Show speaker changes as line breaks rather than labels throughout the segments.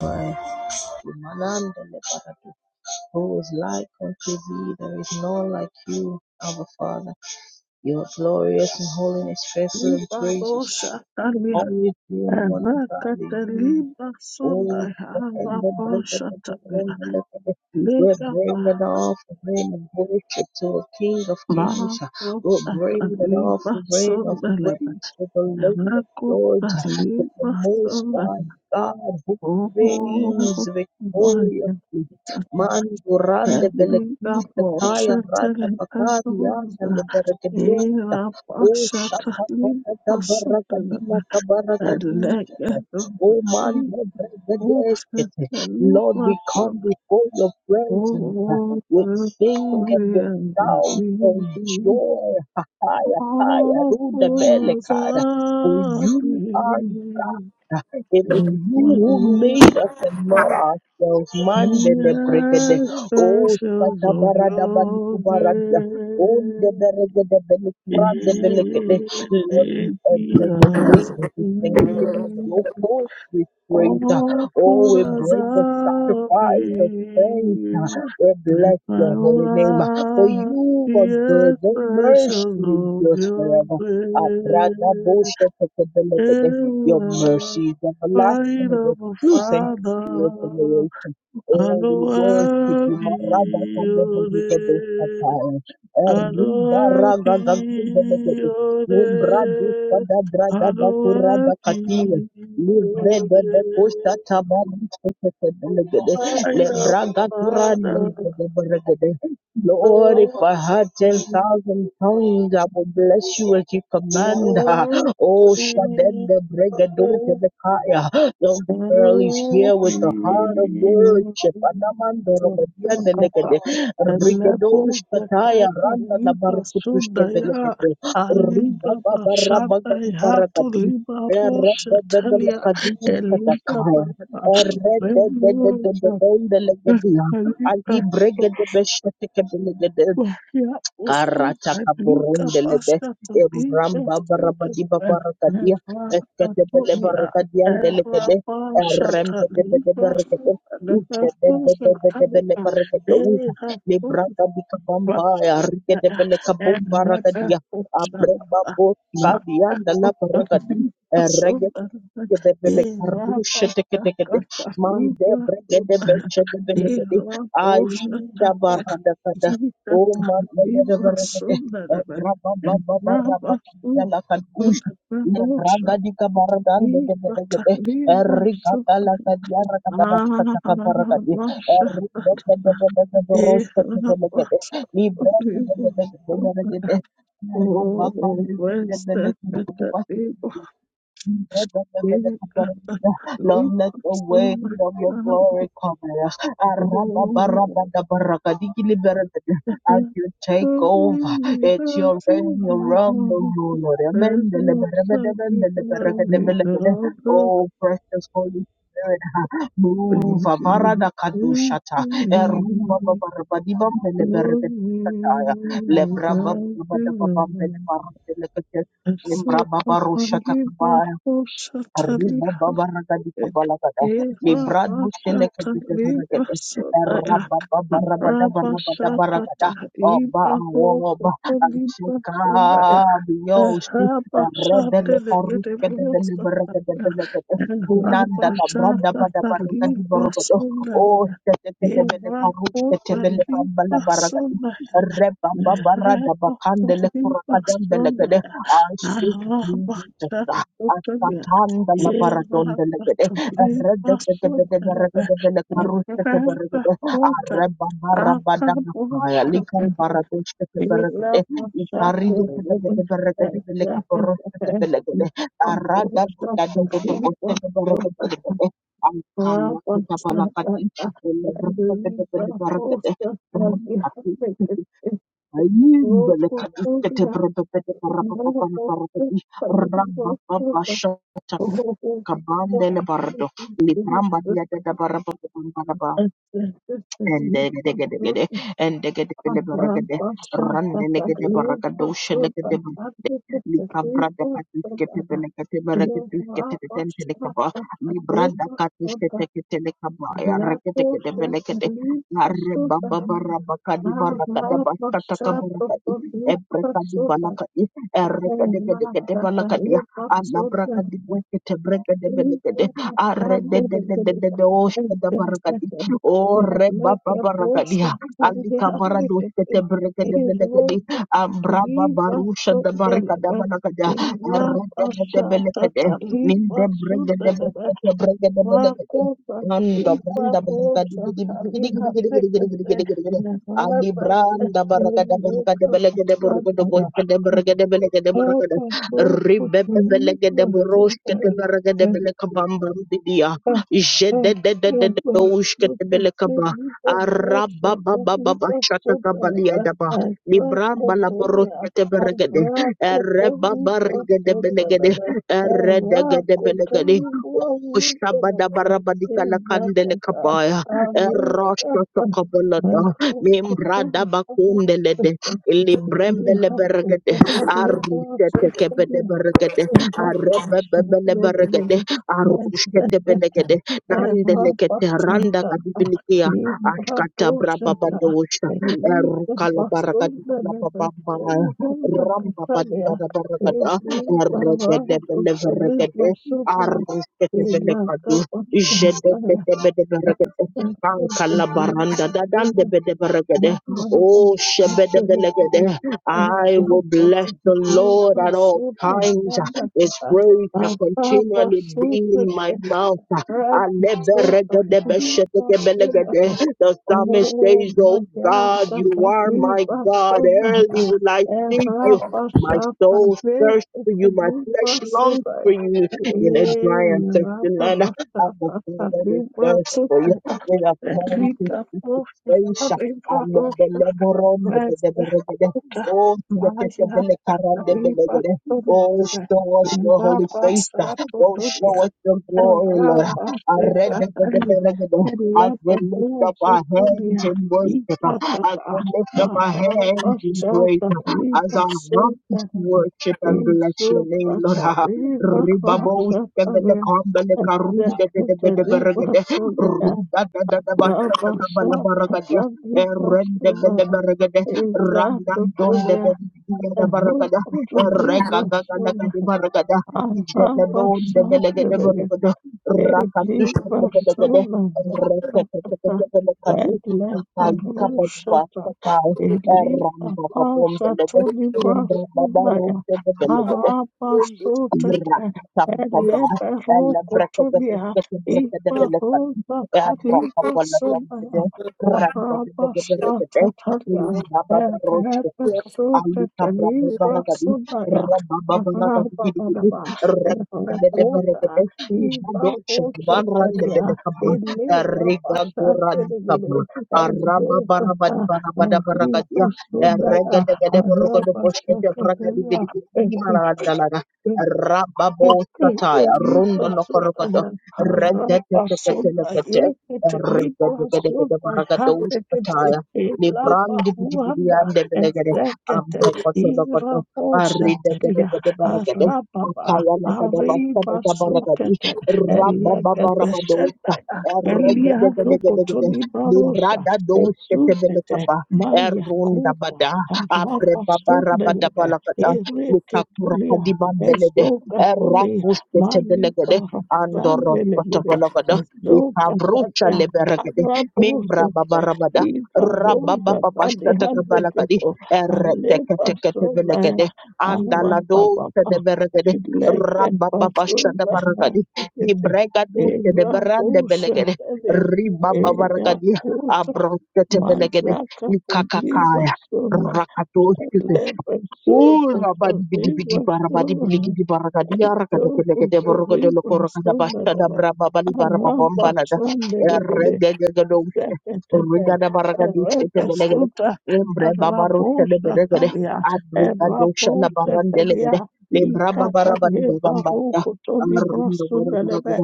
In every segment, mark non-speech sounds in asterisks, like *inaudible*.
Who is like unto thee? There is none like you, our Father. You are glorious in holiness, faithful in praises.
Libaboshataria,
Always doing wonders. Hallelujah.
Erekateliba
Oh,
Sundaya,
and the bread of the
Raboshataria,
covenant, the left of We're
Legaba,
bringing off the rain of worship to the King of Kings. We're bringing off
Marotaliba
the rain of
Sundelebe,
praise to the Lord of Lords, to the
Erekateliba
Most High
Sundaya,
God who
Oh,
reigns
my God.
victoriously. Man durande belekista kaya randa bakari yana
Libaboshatelekadoza,
leberekeduta. Oh, shaka
Erabashataliba
baraka dina
Sundelebe,
kabaraka
Elegado,
Oh man,
Yes, precious
Lord, we
of
come before your presence
all
with
the
sing and with
and
shout and
the
joy. For
all fullness of
you are
peace.
God. It is
And
you
when
who
all
made us and not ourselves. Man, the brigade.
the
Oh,
specials of
Satabarada
your
Balikubaradia. Oh, the
grace,
Beregade
in
Belikuran, the Lord, we
the
enter your gates with
Thank
thanksgiving and your
earth.
courts we praise. uh, Oh, we
Awful as
bring the
I've
sacrifice of praise. uh, We
let
bless
my
your holy name. uh, For
life
you are
be
good. Your mercy
expression of
endures
your
forever. Uh, brada bo
grace. You
Your
are
mercy is everlasting.
kind
and Your
of a
truth
father,
generation.
I
Oh, we
know
worship you,
I'll
Marada
be your name.
Kandabarigabosataya.
I know I'll be
Ribaragagagagagagag.
your
Umbradusa
name.
da
I
draga da
know I'll
kurada katia.
be
Livre
your
de de costa
name. Light
tabarigabosataya. Le
of a
braga
Father,
kurande.
the
Lord, if
world
I had
be,
10,000 tongues, I would bless you as you
the
command.
world to
Oh, Shaden,
be,
the Bregadoja, the
the
Kaya. the Girl, is
world
here with
be.
the heart of worship. Anamando Rabadianda
Sakata,
Negade. Rigedo
Elebo
Shataya
Zakata,
Randa
Liba
Labarkutushke
Sundaya,
Velegedo.
Aliga
Ribaba
Bashanda,
Rabagadi
Hatu
Baragadi.
Liba Roshatalia, Eliga
Erededededekadishatakaya.
Baba, Belo Zakata,
Erededededededelegedia. Ali
Liba.
Bregede Besheteke
Wahia
Karataka
usufanika
burundelebe
pasha tabika
embramba barabadi
sudaka
babarakadia
ehwa
eskete bele
katulia
barakadian
ehwa
delegede
pasha
erembedebede
tabika
barakade
sudaka pasha
ukedebedebedebele
tabia
barakadousa
eha
libraka
sufa
bikabamba
sufa
arikedebele
ehwa pasha
kabumbarakadia abreba
tabia
bo kadian dala
ma
barakadi
Oh,
Debele karusha teke teke de mande brege de beche de bele de aida barada kada o mande bere bere de braba baba baraba ya la kadush ya braga di kabaradan de de bele de riga kala kadia raka da bashka taka baraka di riga de de de de rosha de bele de libre de de de de de de de Rabba karri de de
where's
bele kurukutu
the
Lord,
There's no sacrifice
let the weight of your glory cover us. Arababarabadabarakadikiliberebede. As you take over, it's your reign, your realm, your rule, Lord.
without
Amendeleberebedebendeleberegedebelebede.
the
Oh, precious Holy Spirit, move.
things you give to
Avaradakadushata.
me. Love me
Erumbababarabadibambeleberegedushata.
without the love.
Lebrababababababambelebarabelekete.
And so, Papa, give up
Embrababarushatakabaya.
for
Arriba baba raga di kabala kada.
Eva
Libra duste leke
Bashata
bide
Liba
zaragede.
Sodaya
Rabba baba rabada
Raba
barabada
Shatata
baragada. Oba
Iba Roko
awoba
Liba
alcheka
Sodaya
biyosti.
Raba
Rede le
Shatele
faruke de
Edebo
de le baragada
Sodaya
de le gede.
Raba
Minanda la brada bada
Shatata
baraga di
Liba
borogodo. O
Sodaya
sete te de bele
Eva
faruke te
Kota
bele bambala
Liba
baragadi.
Sodaya
Reba baba rada
Raba
bakande le
Liba
kurakadam bele gede.
Sodaya
I speak
Raba
Jesus.
Shatata
Satanda la
Eva
baradonda la gede. Erede gede gede berede
sondalaba
gede le karuste te berede.
Eva kota
Areba
apa
barabada makaya. Likam
bosta
baradoshte te berede.
Ela bosta
Ikarido gede
berebe
gede berede gede le
Eva
karuste
kata
te berede.
Eva
Arada
bosta
gede gede boste
Eva
te berede
kota
gede.
Eva
Ankaya kita
bosta Eva bosta
balakat
Eva
in.
kata
Ele berede gede gede
Eva
berede. Berati. Ayim bele karuste te berede gede. Barababa
bosta Eva bosta
barabada
Thank
kabandele bardo libramba liada da baraba baraba ende gede gede gede ende gede gede baraka de rande le gede baraka Libra da katus kete belekete bereketus kete keten telekaba. Libra da katus kete kete lekaba. Ya rekete ketebele kete belekete. Arre baba bara bakadi bara kada basta takabura kadi. Ebre kadi balakadi. Erre kede kede kede balakadi. Ya Allah brakadi
you.
buskete brekede
Thank
belekete. Arre de de de de de de oshkada barakadi. Orre baba barakadi. Ya. Ali kamara doskete brekede belekete. Ambraba barusha da barika da banakada. Arrega de belekade. Ninde brega de belekade brega de belekade. Nanda branda baraka di di di di di di di di di di di di di di. di. Ali branda baraka da baraka de belege de de boske de berge de belege baraka de. Ribe be belege de boroske de berge de
you. Thank
Jede
you.
de de de de de de beleka ba. shaka kabalia Libram balaboro balaborosete beregede. Ereba barigede belegede. Eredegede belegede. Shabada barabadika la kandele kabaya. Erosho tokobolada. Mimbrada bakundelede. Librembele beregede. Arusete kebede beregede. Arebebele beregede. Arushete belegede. Nandele kete randa kadibilikia. Ashkata brababadosha.
Thank Oh my God,
Oh,
Rabba
shebedebelegede. I will bless the Lord at all times. His praise shall continually be in my mouth. Aleberegedebeshetekebelegede. The psalmist says, Oh God, you are my God. Early will I seek you. My soul thirsts for you. My flesh longs for you in a dry and thirsty land. I'm a soul that is thirst for you. With a come to
Rica
seek your
Porsche,
face.
Harry
I'm a
Potter,
belebron, the beleberede.
Kuta
Oh, the
Maya
belekaran, the
Riva
beleberede. Oh,
Tundra
show us your holy
Ivaba
face.
Sato
Oh,
Tulia
show us your glory, Lord.
Ivaba
I read the
Sekatali
beleberon. As we
Eleba
lift up
Bozo
our hands
Tulia
in worship, as we
Ikatata
lift up our
Marata
hands in praise,
Sata
as
Riva
our
Sundra
hearts worship and bless
Isu
your name, Lord.
Kata Riva
Ribabo skemele
Sata
kambele karunde de de
Sekata
de de
Riva
bergede
Sundra
ruda da da da basta
Baba
kabala baragade
Sakata
erende
Riva
bele bergede randan don de
Izatutulia
de de
Ehu
baragada
utulivu
reka ga ga la ga
sura
de baragada
Araba
jelebon de bele de
safi
bergede rakatush de bele
Elibasula ngandaba eleberushata elibapasha tulibasulaya arabasutata eleberukutulia ibaruza talibasulaya arabasatatalia
Ramba
elebesutata
Alika braba baragadi,
libasulaya
rababa baragadi gidi gidi,
arabababa
rabede
elebakuta
beregede, ibado shaban rande
Ivapochetelia,
bede kaba,
Elega
riga goran
Pasatelegele,
kaba, araba
Ezokata,
barabadi barabada baragadi
Iva
ya,
Sodaya,
regede gede borogodo
Araba
boshkete baragadi
Sakatelia,
gidi gidi, himala dalaga, rababo sataya, rundo lokorogodo, regede kete lekete, regede gede gede baragado sataya, Librandi bidi bidi ande Ambrokotodokoto, Aridededededebaragadem, Akayanakadabasadadabaragadi, Rabababarabadosa, Eregedegedegedegede, Libradadousketebelekaba,
Maya Kota,
Erundabada,
Harapa Sundelebe,
Abrebabarabadabalakada,
Ereke
Lukakurakadibambelede,
Ezokatole Malipa
Erakusketebelegede,
Zambelegede
Andoroskotobologada, Ikavrucha
Ezokatalia
leberegede, Membra
Arabosepe
babarabada,
Iva Rosa Tali
Rababababashatakabalakadi,
Handekepo Alepa Solaya
Erreteketeketevelekede, andaladose
Arapapapa
de beregede,
Leken
rabababasha de
Pasola
baragadi beregede,
Hansekete
dibregaduse de
Eva
berande belegede,
Bosepelia Eva
ribababaregede,
Kota
abrotetevelegede,
Mazaka Tabiba
ikakakaya,
Sola
rakatosite,
Lepa Sota Tabiba Sokutu lipa sonda daba. Araba sonda degede zeketete,
Rigada Baragadiste Belegade,
erebesuta,
Embre Babarusha de Belegade,
rabosatalia,
Abrigado Shala Baran Delegade,
erabosatalia,
Lebra Babarabadi
ikatalie
Gambanda,
baruku toli
Arindo
brasunelebe,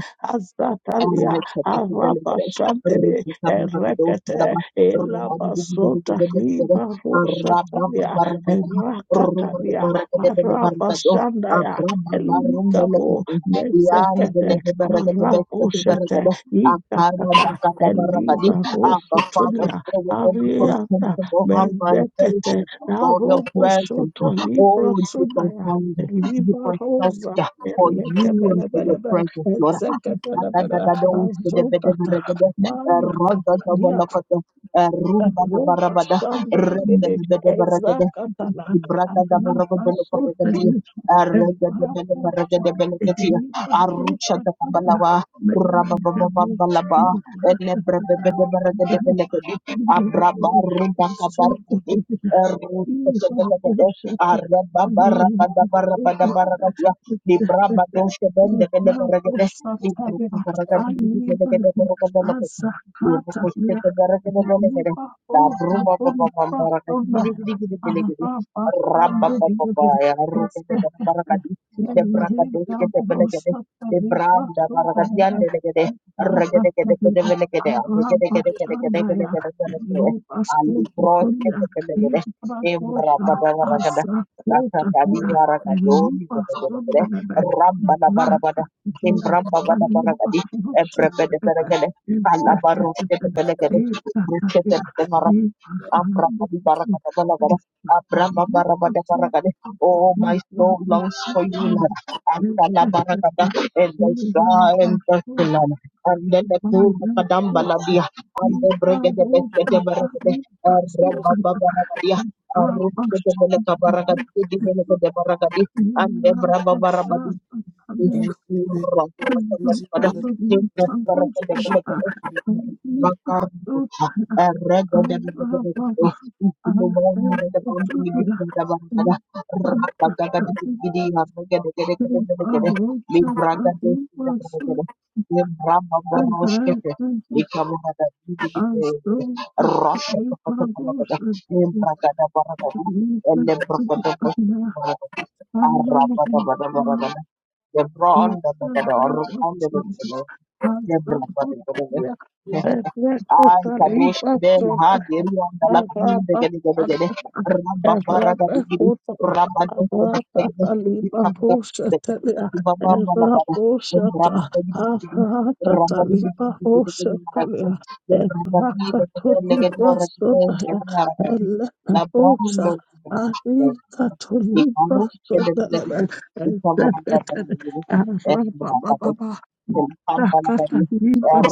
Abba, Father,
azatalia,
fill
arabashandele, erekete, elabasota libarosatalia, erakatalia, arabashandaya, eligabo, mezekete, araboshete, Ikatata, Eliba Rosutulia
within us all
Ariata
sensible hunger and thirst
Mezekete
for your
Narobo
presence.
Soto Libra
Oh, deeper
Sudaya
hunger,
Eliba
deeper
Rosa
thirst for you and for your
Elekebelebelebe
presence, Lord. Arababa,
Ezekebelebele Azotata Maya Roba shandebebe ezakatala anamasotelika evaposa evipazotakaya menegebu ivakatata Zokotobela iva boshata anengi
Rabada, Barabada,
zobela
Barabada, Libra
zedekete
Badosha Bende Bende
ha
Baragade
boshata
Rabba
ya aliva azakata ya liva boshata Thank
Embramba bada baragadi, ebrebede beregede, kalaba rushete belegede, rushete belegara, ambramba di baragada belegede,
you.
abramba barabada
Thank
baragade. Oh, my soul longs for you, Lord. Akala baragada, and the star and the sun, and then the poor kadamba labia, the bregede besete beregede, ebramba baragadia. Arushete belega baragadi,
That
belegede baragadi, and the braba barabadi Thank
is the to to
you. Through our worship and We Jesus. As though that water, yeah, and we lift to the Lord and Lord
you. The
in
brown,
the
the the the
name
orange,
of
the the
Jesus.
the
As
the brown,
the Buddha,
the the the
We are
the.
that
Ay,
water, leave
kadosh kebel
us
ha geri onda la
Thank
gede gede gede gede. Rabba bara gede gede. Rabba dosh gede gede. Dikabra gede. Baba mala bara. Rabba gede gede gede. Rabba gede gede gede gede mara gede. Ya berapa gede the gede lege dora gede gede mara gede. La brando gede gede. Dikabra gede gede gede. Dikabra gede gede. Eh, berapa tadi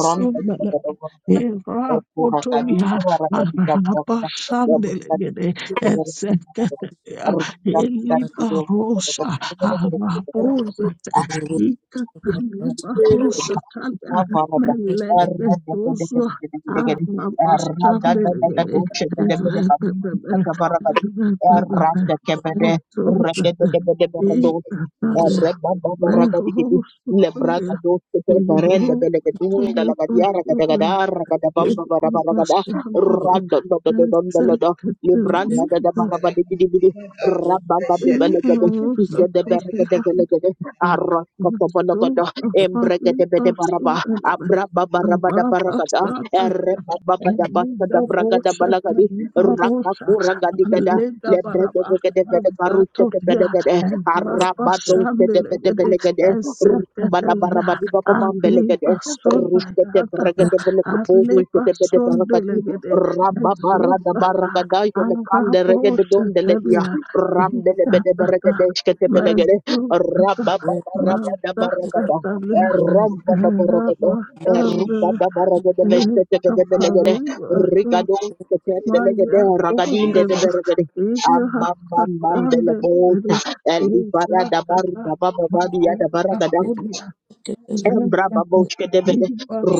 Ron bagi kepada orang tadi pura tadi
Irakotonia,
kawara tadi kamara tadi ya berkati
Arabasandelegede, Ezeketelia,
Arjuna tadi juga kepada
Elibarosha,
kepada kepada
Arabozete,
kepada
Ikatanibarosatalia,
Rabba
Melegetozo, Arabasandelegede, Erebebebe, Erebebebe, Ezozete, Ikatalia, Merosotolia, Thank
get
you. Liberals totally hampered and soon upon
Embrega de Bede
us
Baraba, abra baba
and
rabada baragada
Babasata
erre baba bada
and
basta da
Linda
bragada
Bolsha
balagadi
and
raka
Marosha and
kuragadi gada
Linda
lebrege
Balaba
de gede gede
and
karusha te gede
Zatoria
gede
and
arabado se de gede
Rabashandele
vele gede
and
rumbana
Zekatelia
barabadi baba bambele gede
Abiba Sunda
rusha te brege
Yadata
de vele
and
kabulu se
Liba
de gede baragadi
Sundelegede
rabba
and
barada
Zopata
baragada jele
and
kande rege de
Rabosha
donde le dia
Telia
ramde de bede brege
Sakata
de shkete bele gede rabba
Mazukata
baba rabada baragada
Mazakatalia Erabasandra Ekapavivasu Maya Utelis Iyakatandere Ezakata Maya
Amam,
Kapulia
Embra
Ekata
babochke devede,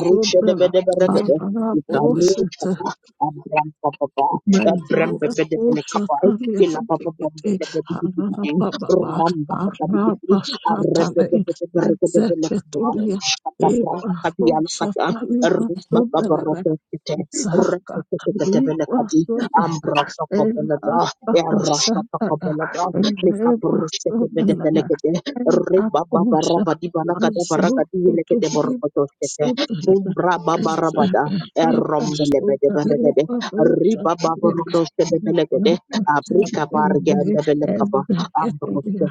ruche devede beregede, ikaruche
Arabosheta
ba, abram papa, ba, abram
Mandinga
bevede bele
posa
kapa,
kali
ila papa
hambekete
bevede bevede
harara
bevede,
baba
ram papa bevede
haraba
bevede, arrebe
satale
bevede beregede bele kapa,
ezeketulia
shata bram
eba
kati ala
posa
kata,
kali
rumba
basonda
papa
lebe
rote kete,
zaka
rete kete
kali
kete bele kadi,
basonda ya
ambra toko bele
ela
da,
baba
erra shata
sanda ya
bele da,
ele
mika bruche kete
basonda
bele
lebe
bele re
ela
ba ba ba ra
posa
ba di ba da ba
azo
di le de bo
kutuli
shete ko to she te
basonda
um
lebe
e
Thank
de ba re ke de ri ba ba bo ro do she be be le ke de a bri ka ba re ba a bro she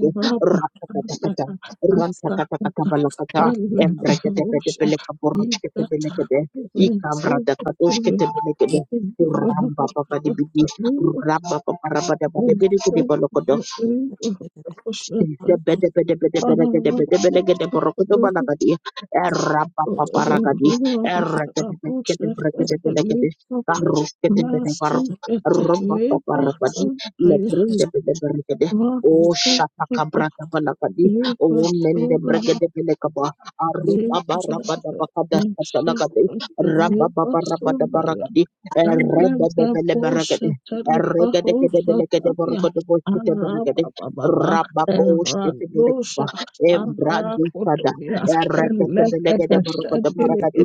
de ra ka ta ta ka ta ra ta ka ta ta ta em bre ke de be de be le ka bo ro she te be le ke de i ka bra da ka to she te be le ke de Ramba papa di bidi, ramba papa ramba da bidi Oh,
you. Masukete lebaso masukete
Thank you. food
lebaso
Shatakabrata
that
Balakadi, Oh, Mende
lebaso
Bregade Belekaba,
comes from sister
Arababarabadabakada Satanagadi,
Mark
Rababarabarabada
lebaso
Baragadi,
Thank you.
Rebede Belebarakade, Regede
and
Belekade Borokode Rababoshtetebelegba, Embradusada, Ereketebelegedeborokodobarakadi,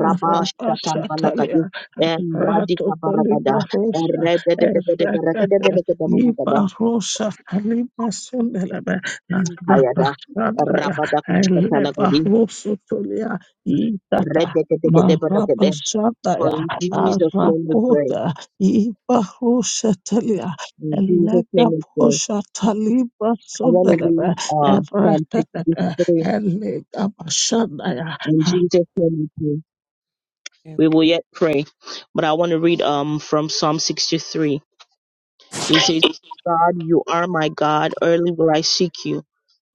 Rabashtatambalakadi, Embradikabarakada, Erededededeberekedebelegedeborakada,
you
Kayada, Rabadakashtatalakadi,
Maraba
Redekedekedeberekede. For
Shabaya,
in Jesus' name we pray.
Arakuda Ibarushatalia
In Jesus' name we pray.
Elegabushataliba
I want to
Sundelebe
read uh, Psalm
Everetetete
63.
Elegabashandaya
In Jesus' name we pray.
have
we will yet pray. But I want to read um from Psalm 63. He says, God, you are my God. Early will I seek you.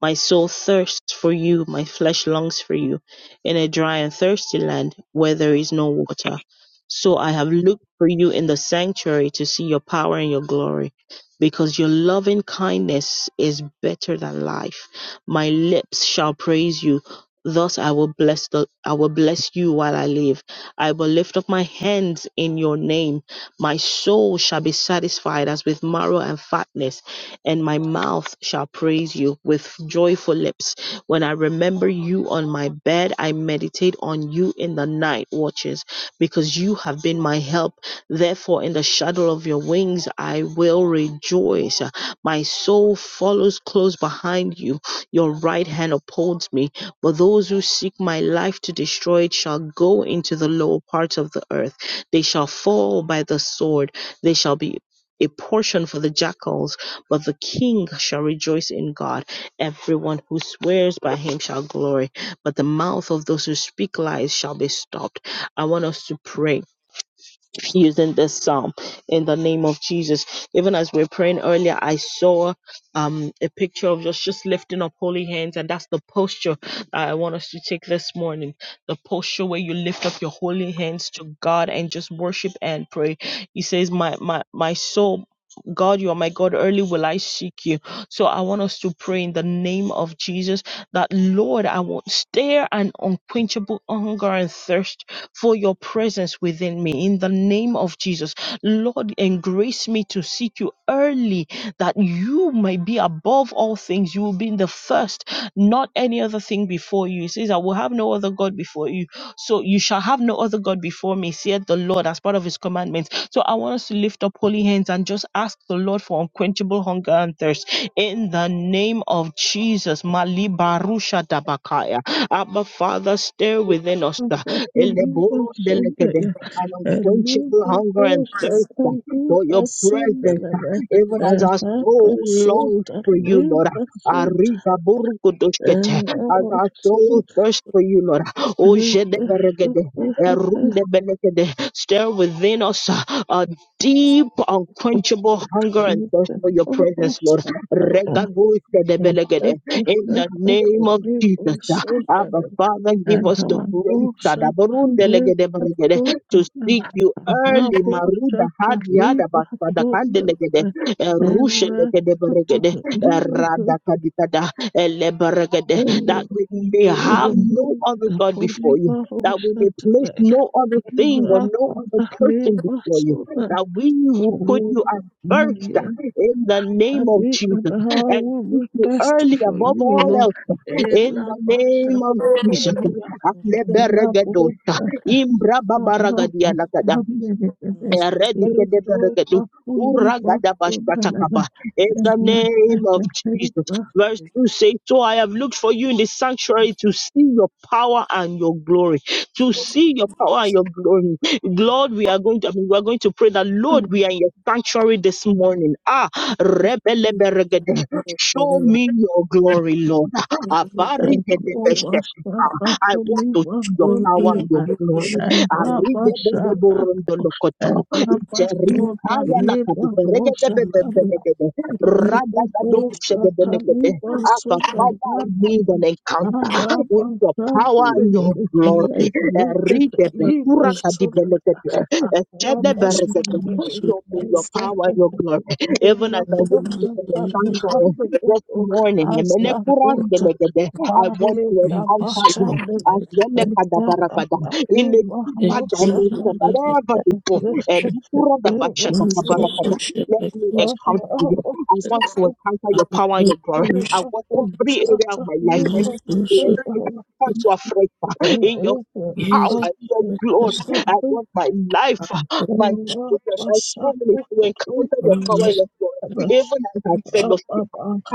My soul thirsts for you, my flesh longs for you, in a dry and thirsty land where there is no water. So I have looked for you in the sanctuary to see your power and your glory, because your loving kindness is better than life. My lips shall praise you. Thus I will bless the I will bless you while I live. I will lift up my hands in your name. My soul shall be satisfied as with marrow and fatness and my mouth shall praise you with joyful lips. When I remember you on my bed, I meditate on you in the night watches, because you have been my help. Therefore, in the shadow of your wings, I will rejoice. My soul follows close behind you. Your right hand upholds me. But those who seek my life to destroy it shall go into the lower parts of the earth. They shall fall by the sword. They shall be a portion for the jackals. But the king shall rejoice in God. Everyone who swears by him shall glory, but the mouth of those who speak lies shall be stopped. I want us to pray using this psalm in the name of Jesus. Even as we are praying earlier, I saw um, a picture of us just lifting up holy hands, and that's the posture I want us to take this morning. The posture where you lift up your holy hands to God and just worship and pray. He says, "My my my soul." God, you are my God. Early will I seek you. So I want us to pray in the name of Jesus that Lord, I will stare an unquenchable hunger and thirst for your presence within me in the name of Jesus. Lord, embrace me to seek you early that you may be above all things. You will be in the first, not any other thing before you. He says, I will have no other God before you so you shall have no other God before me, saith the Lord, as part of his commandments. So I want us to lift up holy hands and just ask the Lord for unquenchable hunger and thirst. In the name of Jesus, Mali Barusha Dabakaya. Abba Father, stir within us uh,
Hakakakuniba
Eleboro Delekede,
Sundaya
an unquenchable hunger and
to put the
thirst uh, for
Elegabushataliba
your presence, uh,
Sundelebe
even as our soul longs for you, Lord.
Erakasutaliba Sund
Ariga Burukudushkete, As our soul
Erakasutaliba
thirsts for you, Lord. Oh,
whole group
Jedeberegede, Erundebelegede. Stir within us uh, a deep, unquenchable hunger
into
and thirst for your presence, Lord.
Sundaya Thank
Regadojedebelegede. In the name of Jesus, uh, Abba Father, give us the grace Adabarundelegedeberegede, to seek you early. Maruda Hadiadabasadakadelegede, Erushedegedeberegede, Eradakadikada, that we may have no other God before you, that we may place no other thing or no other person before you, that we will put you at first in the
I
name of
make them
Jesus
how
and
we
seek
will
you
test
early
for
above
you, O
all
Lord.
else
In
in
la
the name
basha
of Jesus.
patonia,
a new
in la
Aleberegedosa,
bosa, rapa,
imbrababaragadianakada.
mamelekele,
last week.
eso
Eregedeberegedu,
I
papuli, papuli, la la
uragadabashpatakaba. In the
la, la
name of Jesus. Verse 2 says, So I have looked for you in the sanctuary to see your power and your glory. To
thought it
see your power and your glory. Lord, we are going to I mean, we are going to pray that Lord, we are in your sanctuary this morning. Ah,
was a good
rebeleberegede. show me your glory, Lord.
Thank
Abarigedebesh.
thing.
I want to see your
Show me
power
your
and your
beauty,
glory.
show me your
Arrivedebeborontolokoto. Iterikaya lakadiperegedebebebebebe. Radadadochedebelekede. Abba,
glory,
Father, I need an encounter with your power and your
show me
glory. Eride
your
bekura
glory.
kadibelekete.
Show
Echede berekete. Show me your
you.
power and your glory. Even as I
Inaposha
worship in the sanctuary
mihanda
this
yetu
morning, emelekura
azakuta
ndelegede, I want to
bali ya
encounter you
mashambani
as
ezaka
yemekadabarakada, in a
kapigwa
deeper
rushaka
dimension than ever before. Elekura
ezekwa zoga
dabashatakabarakada. Let me encounter you.
waharabo
I want to encounter your power and your glory. I want every area of my life, my ministry, call you afresh uh, *laughs* in your
Thank
power, in your glory. I want my life, uh, my children, my family to encounter your power and your glory, even as I fellowship.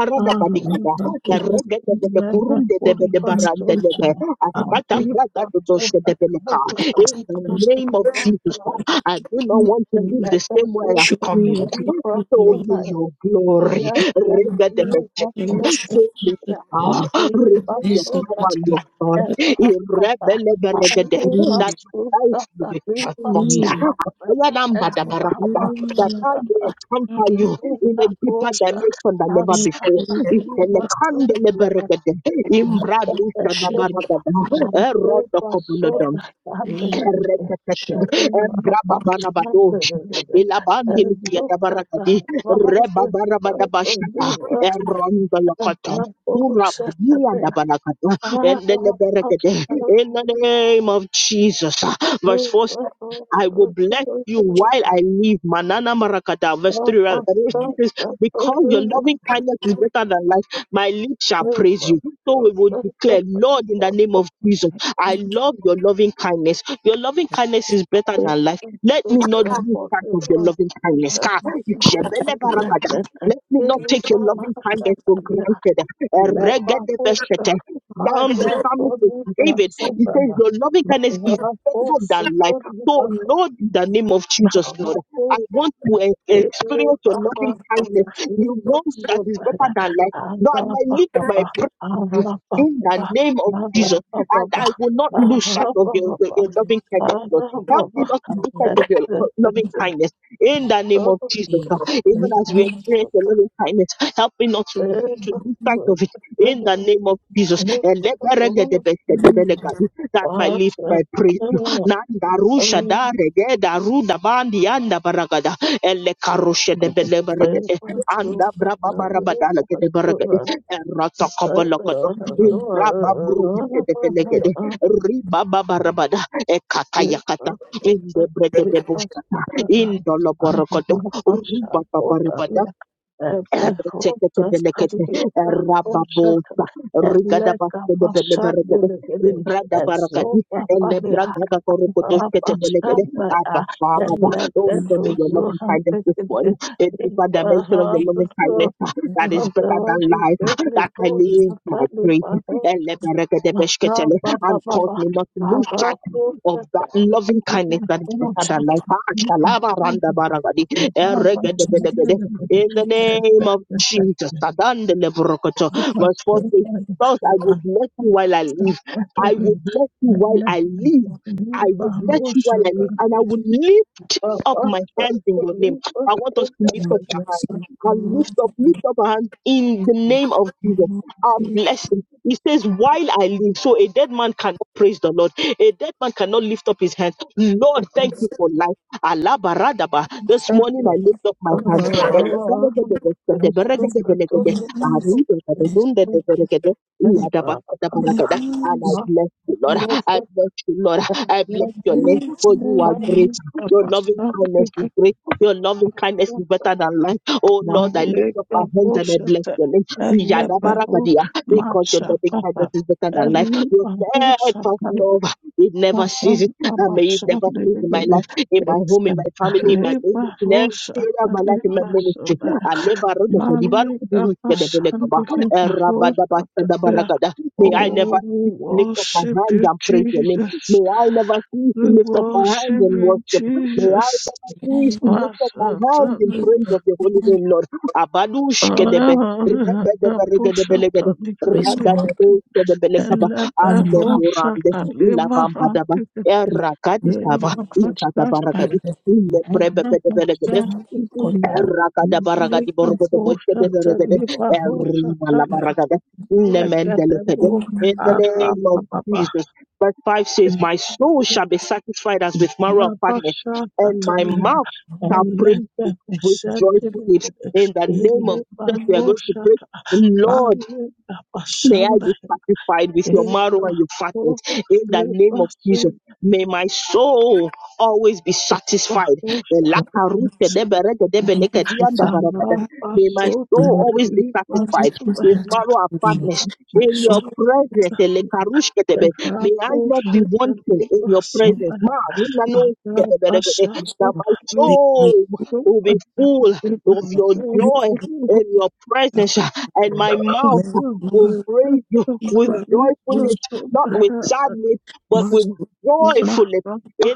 Arada banikada,
you.
erege de de de
Thank
kurunde de de de barande de de, askata braga do doshe de beleka. In the name of Jesus, uh, I do not want to live the same way I've come.
me your glory, O
Show
Lord.
me your glory. Rega de de
Show us
Ah, renew your
Yesu
power,
katika
Lord God. Irrebeleberegede, That
Mungu
my life will be transformed.
Mungu
Oyadambadabarabada, That
Mungu
I may encounter
anapotaka
you in a deeper dimension than ever before.
you.
Iselekandeleberegede,
Kosta
Imbradusadabarabada,
Nampepa
Erodokobulodom,
Soda Nambekete
Erekete, Embrababarabadosh, Ilabandilipiadabaragadi, Rebabarabadabashadabarabada. Erondolokotho, Urabadia dabalakata, In the name of Jesus. Verse 4 I will bless you while I live. Manana Marakata, verse 3. ra- verse 3 says, Because your loving kindness is better than life, my lips shall praise you. So we will declare, Lord, in the name of Jesus, I love your loving kindness. Your loving kindness is better than life. Let me not lose sight of your loving kindness. Ka, Jebele Barakada.
Baba,
Let me not take your loving
Barasha
kindness for granted. Eregede
Lebabusha
Beshkete. Psalms,
Maya
Psalms,
Toliba
David, he says,
Sobala
Your loving kindness is better
Raposu
than life. So,
Toliba
Lord, in the name of Jesus, Lord,
Rapo
I want to e-
Ele
experience your loving
Barakata
kindness. You
Ipa
want that is better
Sobala
than life. Lord, I need my
Arapapa
prayer to you
Arapapa
in the
Arapapa
name of Jesus, and I will not lose
Arapapa
sight of your, your, your loving kindness, Lord. Help me
Arapapa
not to lose sight of your co- loving kindness in the name of
Arapapa
Jesus. Even as we experience your loving kindness, help me not to, to lose sight of it in the name of Jesus.
Thank
And let that my lips, my praise. Nanda Rusha da Regeda Ruda Bandi Anda Baragada elle Karusha de Bele Baragade Anda Braba Barabadala de Baragade Rata Kabalakado Braba Burusha de Belegade Riba Barabada Ekatayakata in the de Bushata in Doloborogado Ruba Reteketebelekete, Rababosa, Rigadabastedebelegede, Imbradabarakadi, Elebragagakorokotosketebelegede. Abba
Rabashandaya and
Father,
let
oh,
that
show me your
also
loving kindness
happen
this
in
morning. A deeper dimension of your
perhaps
loving kindness ah, that is better
whatever
than
to
life, ah,
get
that I
Lipo
leave my
Shatali
praise
Baho
Eleberegedebesketele,
Baba Baba
and cause me not to lose sight
Baraho
of that
Shatali
loving kindness that is
Baho
better than life. Ah,
Shatali Baho
shalabaranda baragadi,
Baba Shatali
eregedebelegede, in the name of Jesus. Tadandele brokoto. Verse 4 says,
Baho
Thus I will bless you while I live. I will
Shatali
bless you while I live. I will bless you while I
Baho
live. And I will lift
Thank
up my hands in your name. I want us to lift
Now
up our
bless
hands.
you,
And
Lord,
lift up, lift
and
up our hands in the
I
name of Jesus. I'm
faith
blessing. He says, While I live. So a dead man cannot praise the Lord. A dead man cannot lift up his hands. Lord, thank you for life. Alabaradaba. This
and
morning I lift up my hands.
my hands, bless and my
And I
hands,
bless you, Lord.
that
I bless you, Lord. I bless your name,
you
for you
more
are
than
great. Your loving kindness is great. Your loving kindness is better than life. Oh Lord, I lift up my hands and I bless your name. Yadabarakadia, Because your loving kindness is better than life. Your steadfast love, it
Oh,
never
we
ceases. And may it
worship
never cease in my life, in my home, in my family, in my business, in area of my life in my ministry. Alebaro de Kadibaro Kuduhu Kedebelekaba, May I never cease to lift up my hands
you,
and praise your name.
Jesus.
May I never cease to
We
lift up my hands
worship
and
you,
worship. May I
Jesus.
cease
life
to lift up my hands in
is
Masatani,
praise
for
of your holy
one
name, Lord. Abadush Kedebe.
Ara,
Rebedeberegedebelekede,
Pushatani,
praise, O Lord,
Handikiti,
Radadadoskedebelekaba,
and my mouth
Eleberoshatani,
Andeborande,
and my
Ilabambadaba,
praise, O
Erakadikaba,
Lord,
Marandikiti,
in
Isadabaragadi,
the morning.
Thank
My
Ileprebebedebelekede,
mouth is
Rakada baragadi
continuous,
borgodo boshede regede.
my mouth is
Erima la baragada. Nemendelekede.
full, my
In the
heart,
name of Jesus. Verse 5 says, My soul shall be satisfied as with marrow of fatness, and my mouth
my heart,
shall praise you with
is
joyful lips. In the name of
my
Jesus, we are
heart,
going to pray. Lord, May I be satisfied with your marrow and your fatness in the name of Jesus. May my soul always be satisfied.
you.
my heart is satisfied.
May my
Arabasota
soul always be
Only
satisfied
through
libasota
with
that
arabasota
marrow and
we do not.
fatness
My
in your
soul
presence. May I not be
rabosota libasota arabasakota
wanting in your
knows
libasota
presence. Ma, nina no
you,
That
Lord.
my
Make
soul
me,
will be full of
the Lord.
your
Make
joy
me
in
know
your
that,
presence
the
and
Lord.
my mouth
May
will
no
praise you with
people use
joyfulness,
it
not
to
with
the
sadness, but with
master use
joyfulness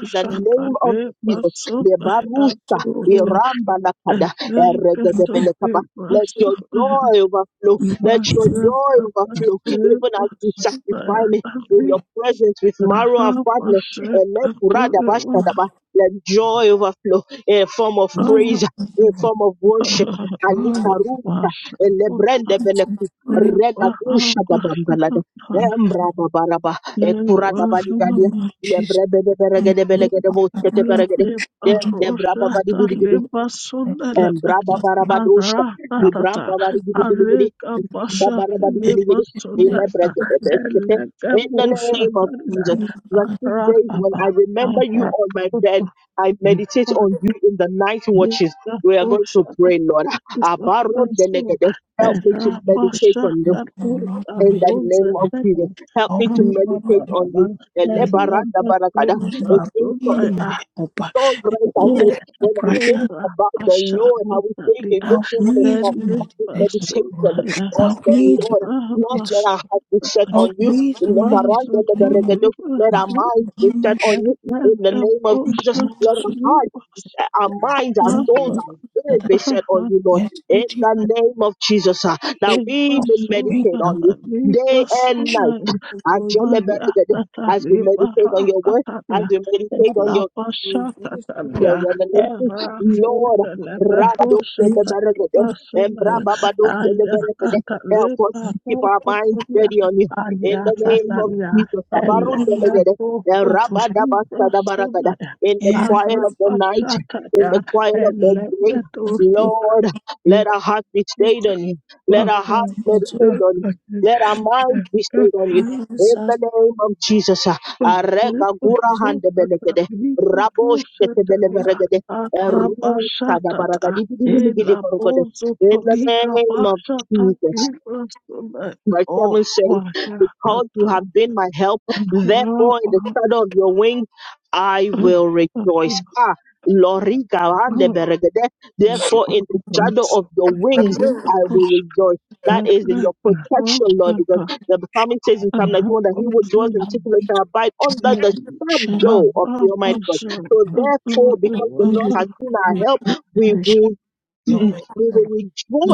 the
the
power
name of
that
Jesus.
libasota
they
Lebarusa,
so
Irambalakada,
in
Eregedebelekaba. Let your
arabasota
joy overflow. Let
Thank
your
you.
me.
joy overflow. Even as you sanctify me in your presence with marrow and fatness. Elekuradabashadaba. Let joy overflow in a form of praise, in a form of worship. Le brende lebrende beleku rega kusha da bambalada embra baraba e kura da bali gadia Le
Jesus,
baligadia lebrende
yes,
beregede
Lord.
belegede
I
boskete
love
beregede dem debra baba
you. I put
Embraba
love of
barabadosha.
love,
Ibramba barigidigidigidi. Ibramba barabadigidigidi.
that
Ilebrekedebeskete. In the name of Jesus.
you have
Verse
cut
6 says, When I remember you on my bed, I
Thank
meditate on you in the night
you.
watches. We are going to pray, Lord. Abarondelegede. Help me to
with
meditate on
and
you
the Lord
in the
Almighty.
name of Jesus. Help
Help
me to
me, O Lord,
meditate
in
on you.
Jesus,
Elebarandabarakada
because you have been my helper.
so great I say
So, the
when I
pressure,
think about the Lord, how we think it makes
help
me want to
me to
stop having
meditate on the
meditation
Lord.
on
Help
the
me to
Lord. Not
meditate.
let our heart be set
Help
on you.
me to
Let our
meditate
mind
on your
let our
master.
minds be
You
set on
must
you. In the name of Jesus, let our
also
hearts, our minds, our
bless
souls,
us
our
that
spirit
I
be set on you, Lord.
may so
In
deep
the
that
name of Jesus,
I
uh, that we may
may
meditate on
salvation.
you day and night.
For you,
Ajeleberegede, As we meditate on your word, as we meditate on your
grace
your revelation, Lord. Rabadosheleberegede,
and
Embrababadosheleberegede. Help us
mercy.
to keep our minds steady on you. In the name of Jesus.
of
Abarundelegede, barakada. In the
every
quiet of the night
Arabasata ya,
the quiet of the
ele
day.
yetu
physical
Lord, let our hearts be stayed on you. Let our hearts
soul
meditate on you.
Ibarra
Let our
Oh,
minds be stayed on you.
carries
In
us
the name of Jesus. ah, Arega
blessed with
gura hande belegede. Rabosh kete bele beregede. Eru kada baragadi bidi bidi bidi borogode. In the name of Jesus. Verse 7 says, Because you have been my help, therefore in the shadow of your wings I will rejoice. Ah, Lori Gawande Beregede, therefore in the shadow of your wings I will rejoice. That is in your protection, Lord, because the psalmist says in Psalm 91 that he will dwell in secret
it
and abide under the
shall
shadow of the
be
Almighty God. So therefore, because the
you
why,
Lord has been our help,
rejoice in
we
the
will
your
we
way
will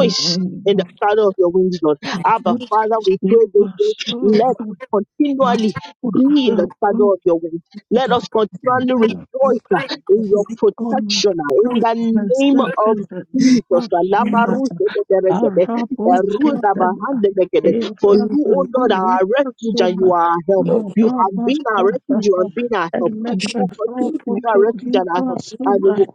in
in the
of
shadow of your wings, Lord. Abba, Father,
rejoice
we pray this day. Let us continually
master
be in the shadow of your wings.
the
Let us continually
faith
rejoice uh,
of
in your
the Lord
protection uh, in
Christ
the name of Jesus.
the name of
Alabaruseteteregede, erunabahandegede. For you, O Lord, are our refuge and you are our help. You have been our refuge, you have been our help. You will continue to be our refuge and our help. And we will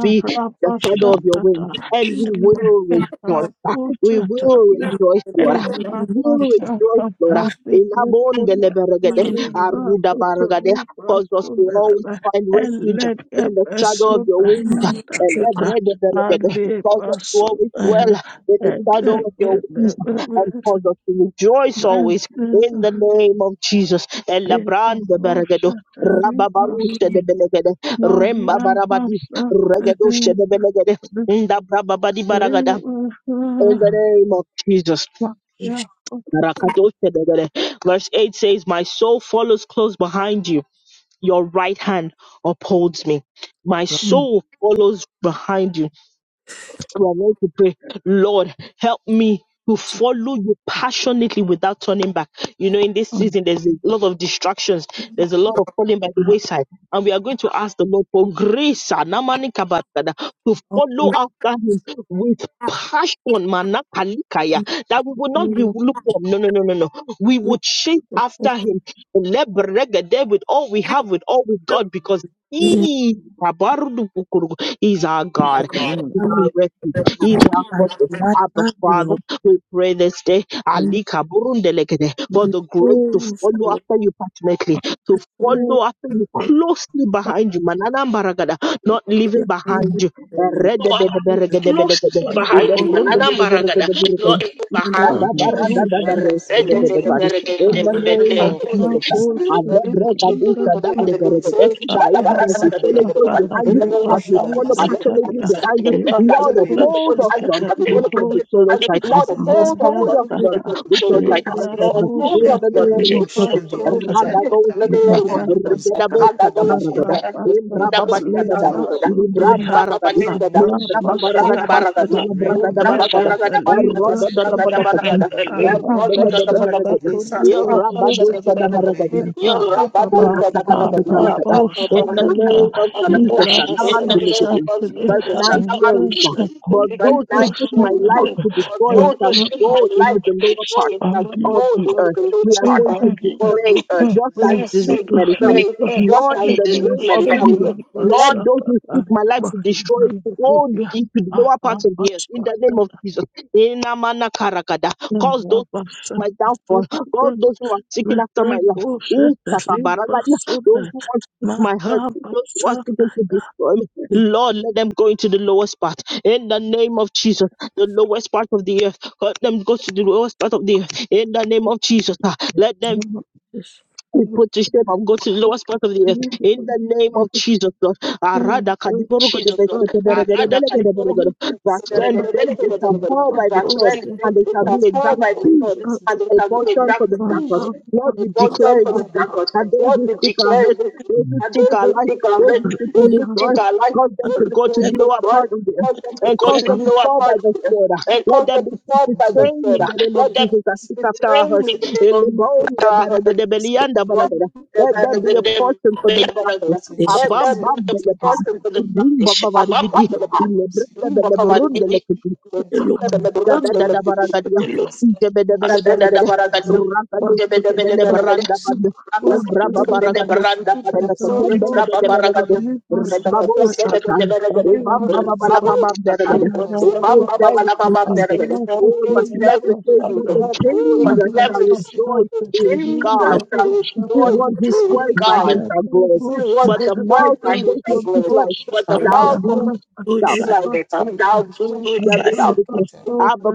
be the shadow of your wings, and we will rejoice. ah. We will
Lekehaposatalia,
rejoice, Lord. ah. We will rejoice, Lord. ah. Elabon
Erapasakatalikrepolia,
beleberegede, Aruda Baragade, Cause us to always
Erapotolibrasundeleba,
find refuge in the shadow of your wings and the
Elekepesotayatakata,
bread of the wicked. Cause us to always
Alipasotaya,
dwell in the shadow of your wings and
Elekelebebesa,
cause us to rejoice always
Mesela,
in the name of Jesus. El Labran de Beregedo.
Epafosatalibrasu,
Rababarusha de
the
Belegede, Remba Barabadi, Regedusha
Mahyapasatalebe,
de Belegede, Inda Brababadi Baragada,
Ewasa,
in the name of Jesus.
Mahyapasatalebe,
Rakadosha de Belegede. Verse 8 says, My soul follows close behind you, your right hand upholds me. My soul follows behind you we are ready to pray. Lord, help me to follow you passionately without turning back. You know, in this season, there's a lot of distractions. There's a lot of falling by the wayside. And we are going to ask the Lord for grace ah, namani kabarakada, to follow
Lord
after Him with passion, manakalikaya,
me
that we will not be lukewarm. No, no, no, no, no. We
me
will chase after
fulfilling
Him leberegede, with all we have, with all we've got, because He kabarudukurugu, is our God
the right
is
Anabusha
hand
our
with
refuge. He is our
I
fortress.
right
Abba
hand with
Father,
your
we pray this day
poem.
Alika burundelekete, for
My
the grace to
soul
follow
follow,
after you passionately, to
my soul
follow after you
follow,
closely
my
behind you, Manana Baragada,
soul
not leaving
behind
behind
you
you.
and then
Lord,
and your
no
Eredededeberegedebedegede,
sin
hand will
behind
love
him.
you.
Another maragada, no
Your
ileburundebereberegedebedegede,
evil
hand will
behind him.
love you. Your
Lord, hold of
ibas
istadabaradadadadedebedegede. In the
hand
name of Jesus, I
anabusha
let break a douche, that
talibas
even as we
anabasta
follow close behind you
pataliba
as we follow
rosa
passionately
talia
behind you. Lord,
Lord,
uphold
anabusha
us, Lord, with your
talibasa
victorious right hand.
maya
Uphold us,
will
Lord,
tata
with your victorious right hand. In
anabusha
the name of Jesus.
talibas Libra,
Ragadoskata,
hold
rigadaboskadabaragada,
of da bunda
imbrababadiadada,
da bunda da. Ura baba
imbrambaragadi,
ninda da. Ura mbara
imbrababaragadabaskata,
da
imbragadabaragada,
the
erodododobodokoti, erindelebedeberegede, irabadosadabaragadi. In the name of Jesus, Sanamandilikidi. verse 9 says, But those who seek my life to
for
destroy it
Those
shall
who see my
go into the
life with
lower part
joy is like
of
those
the
in the
earth. We
lowest
are
part
going to
of
declare
the earth.
Thank
just as it
Please,
is written by the psalmist,
pray, just
Lord, in
as
the
the
name of
Mary comes.
Jesus,
Lord,
let those who seek my life to destroy go deep to the lower parts of the earth. In the name of Jesus. Enamana karakada. Cause those who seek my downfall, cause those who are seeking after my life, Ooh, sakabaragada. those who want to seek my hurt, those who are seeking to destroy me, Lord, let them go into the lowest part. In the name of Jesus, the lowest part of the earth, let them go to the lowest part of the earth in the name of Jesus, ah, let them
destroy
be put to shame and go to the lowest part of the earth. In the name of Jesus, Lord. Ah, Rada Kadiboro
Jesus,
That
Lord. Barada katoro that when
send them which are fall by the sword, and they
they
shall be
transformed
exact
by the Lord and they
a
can do a
portion
dark
for the
thing,
darkness. Lord,
a
we
bottom
declare
from
this
the
day that
darkness.
those
Lord,
who
we
seek our
declare
hurt,
this.
those
you.
who
And
seek
those
our
who
life,
seek our
those
head,
who seek to
those
you
who
destroy,
seek our life,
cause
at
them to
those
go to
who
the
the
seek this
lower
God,
part of the earth
let them to
and
go
end.
cause
to
them to
lower
fall by
parts of
the
the-
sword.
and
Let
cause
them
them
be
to
put
fall
to
by the
shame
sword.
in the name of
Let them
Jesus that seek after our hurt.
restrain in the name
In the
of
bone, the
our
body, the- the
heart.
belly, and the body, God. Let them be a portion for the darkness.
They shall
Abam, bam, bele, Bim, bam, bam, bari, gidi. In the breath, the bele,
put a look at you.
Gadadabaragadia, Debedebeleberagade, Rakadosibelebrandabad, Imbrababaragadia, Kadakatembelebedeberagade, Babushkataya, Ibambababalababamberagade. Oh,
I
thank you,
You
Jesus. Oh, but the Bible says that the king shall
Thank you.
rejoice in
shall
God.
Jesus Christ,
The
Lord,
one who
true
swears by
God.
him shall glory.
He was
But the
destroyed
mouth
by
of
his
those who speak lies
approach, but
be
the
shall
mouth
be
of
so
stopped.
shy
Israel thou
They
doest
are going to
thou
declare, Abba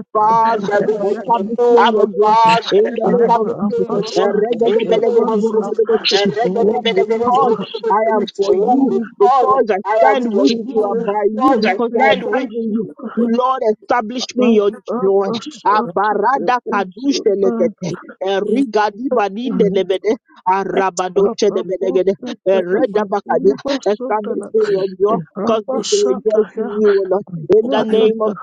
in
Father,
the
am
name of
establish me in your
our
Lord,
glory.
Father,
In the name
Father,
of
establishing
Jesus.
my
your
Lord,
work
apostle,
in the
the
name
apostle,
of
all the
because
Jesus.
apostle,
I
the
am for you,
spirit,
Because
because I
I am
stand
for
with
the
you and
you,
by you,
because I
because
the
I
stand with
apostle,
abide in you,
voice,
Lord, establish
but
me in
apostle,
your joy.
not
the
Abarada kadushe
apostle,
lekete,
in the name of
erigadi badinde lebede,
my
arabadoche
Lord,
lebedegede,
apostle,
I confess
ereda
you.
bakadia,
Thank
the apostle,
you in
establish me in
the name
your
of
joy,
the
cause me
the-
to rejoice in
Rabasataya,
you, O Lord. In
for
the
I will
name of
Rabata,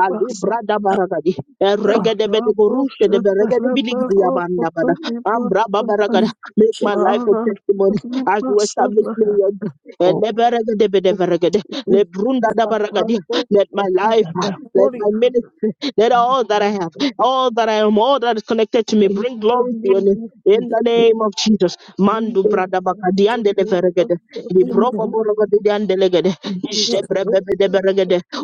Ali brada baragadi.
help.
Regede bede borute de beregede
We
biligidi
Rabosatala,
yabanda bada.
Potomi,
Ambra babaragada.
Basatan,
Make
worship you,
my life a testimony as you establish
Bara,
me your God.
oh,
Ele beregede bede beregede. Le brunda
Jesus.
da baragadi. Let my life, let my ministry, let all that I have, all that I am, all that is connected to me bring glory to your name. In
Thank
the name of Jesus, Mandu brada bakadi ande de beregede. Libro boborogede ande legede. Ijebre bebe de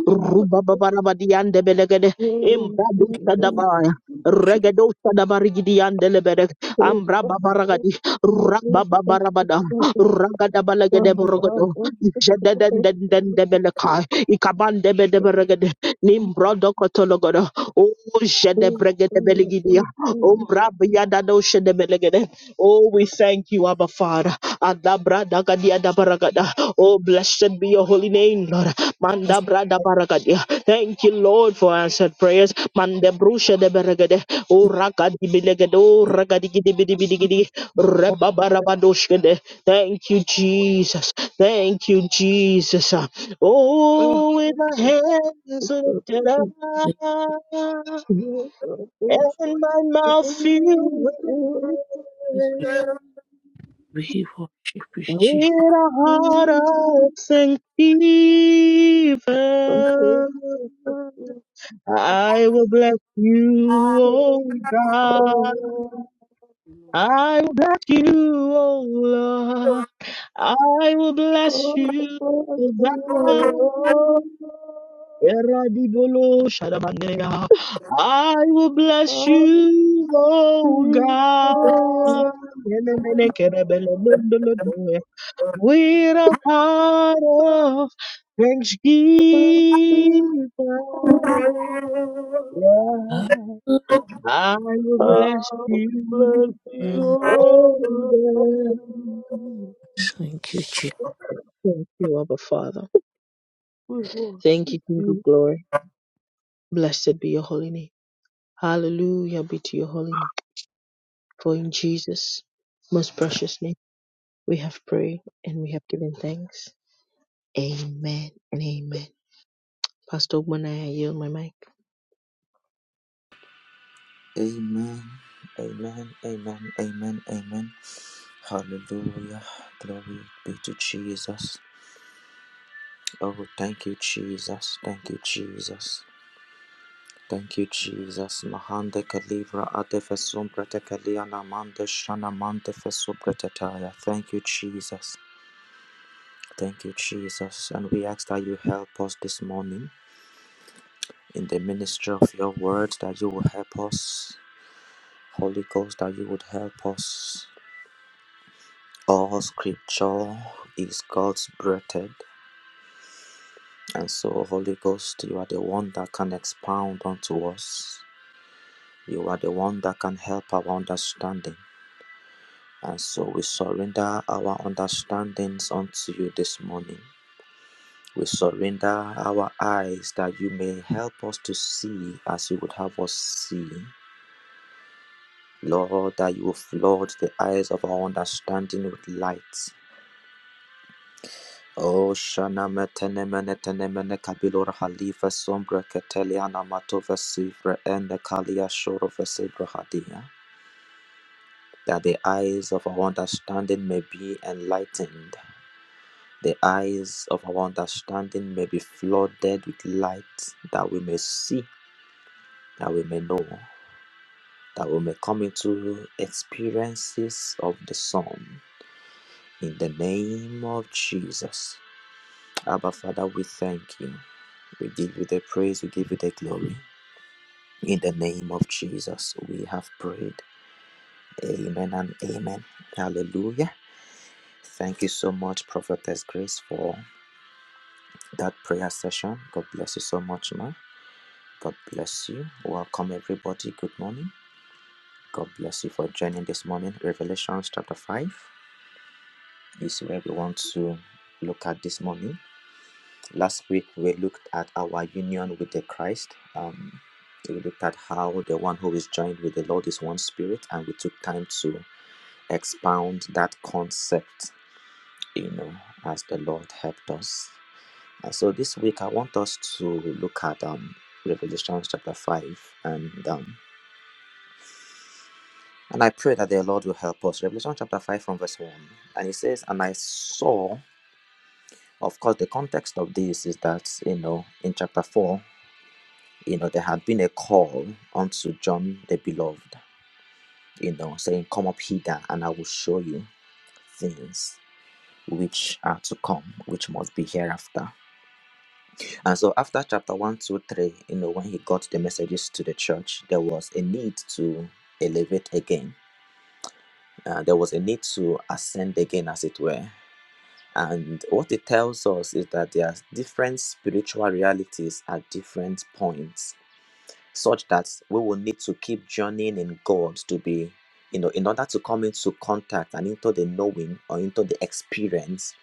Rubabarabadiande belegede. Imbadu sadabaya. Regedo sadabarigidiyande lebede. Ambrababaragadi. Rababarabada. Ragadabalegede borogodo. Jededendende belekai. Ikabande bedeberegede. Nimbrodo kotologodo. Oh, jedebregede belegidia. Umbrabiadado shedebelegede. Oh, we thank you, Abba Father. Adabra dagadia dabaragada. Oh, blessed be your holy name, Lord. Manda brada baragadia. Thank you, Lord, for answered prayers. Manda brusha de beragade. O rakadi bilegade. ragadi gidi bidi bidi gidi. Reba barabadoshkede. Thank you, Jesus. Thank you, Jesus. Oh, with my hands lifted
*laughs* you.
up
Bless you
and
all.
my mouth filled with praise, with a heart of thanksgiving. I will bless you, oh God. I will bless you, oh Lord. I will bless you, oh God. Eradibolo shadabandeya. I will bless you, oh God. Elemenekerebelelondolodoe. With a heart of thanksgiving.
you.
Yeah. I will bless you. oh God.
you, Jesus.
Thank you, Abba Father.
We
Thank
worship
you, King
you.
of Glory. Blessed be your holy name. Hallelujah be to your holy name. For in Jesus' most precious name we have prayed and we have given thanks. Amen and amen. Pastor Ogman, I yield my mic.
Amen. Amen. Amen. Amen. Amen. Hallelujah. Glory be to Jesus. Oh, thank you, Jesus. Thank you, Jesus. Thank you, Jesus. Mahande kalivra adefesum pratekaliana mande shana mande fesubratataya. Thank you, Jesus. Thank you, Jesus. And we ask that you help us this morning in the ministry of your word, that you will help us. Holy Ghost, that you would help us. All scripture is God's breathed, and so, Holy Ghost, you are the one that can expound unto us. You are the one that can help our understanding. And so, we surrender our understandings unto you this morning. We surrender our eyes that you may help us to see as you would have us see. Lord, that you will flood the eyes of our understanding with light. O shana metene menetene mene kabilor halifa sombra keteliana matova sivra and the kalia shoro vesibra hadia. That the eyes of our understanding may be enlightened. The eyes of our understanding may be flooded with light that we may see, that we may know, that we may come into experiences of the Son. In the name of Jesus. Abba Father, we thank you. We give you the praise, we give you the glory. In the name of Jesus, we have prayed. Amen and amen. Hallelujah. Thank you so much, Prophetess Grace, for that prayer session. God bless you so much, ma. God bless you. Welcome, everybody. Good morning. God bless you for joining this morning. Revelations chapter 5 is where we want to look at this morning. Last week we looked at our union with the Christ. Um, we looked at how the one who is joined with the Lord is one spirit, and we took time to expound that concept, you know, as the Lord helped us. And so this week I want us to look at um, Revelation chapter 5 and um, and I pray that the Lord will help us. Revelation chapter 5 from verse 1. And it says, And I saw, of course, the context of this is that, you know, in chapter 4. you know, there had been a call unto John the Beloved, you know, saying, Come up hither, and I will show you things which are to come, which must be hereafter. And so, after chapter one, 2, 3, you know, when he got the messages to the church, there was a need to elevate again, uh, there was a need to ascend again, as it were. And what it tells us is that there are different spiritual realities at different points such that we will need to keep journeying in God to be, you know, in order to come into contact and into the knowing or into the experience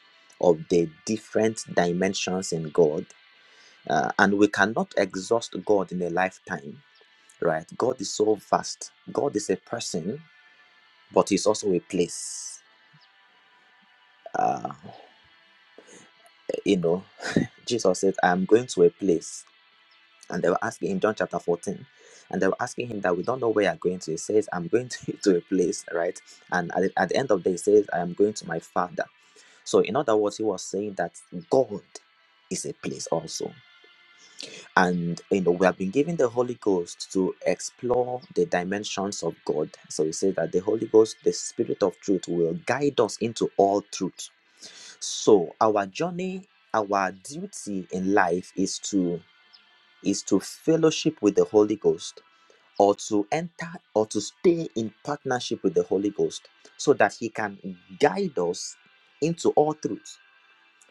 of the different dimensions in God. Uh, and we cannot exhaust God in a lifetime, right? God is so vast. God is a person, but He's also a place. Uh, you know, Jesus said, I'm going to a place. and they were asking in John chapter 14, and they were asking him that we don't know where you're going to. He says, I'm going to, *laughs* to a place, right? And at the, at the end of the day, he says, I am going to my father. So, in other words, he was saying that God is a place also. And, you know, we have been given the Holy Ghost to explore the dimensions of God. So, he says that the Holy Ghost, the Spirit of truth, will guide us into all truth. So, our journey, our duty in life is to is to fellowship with the Holy Ghost or to enter or to stay in partnership with the Holy Ghost so that He can guide us into all truth.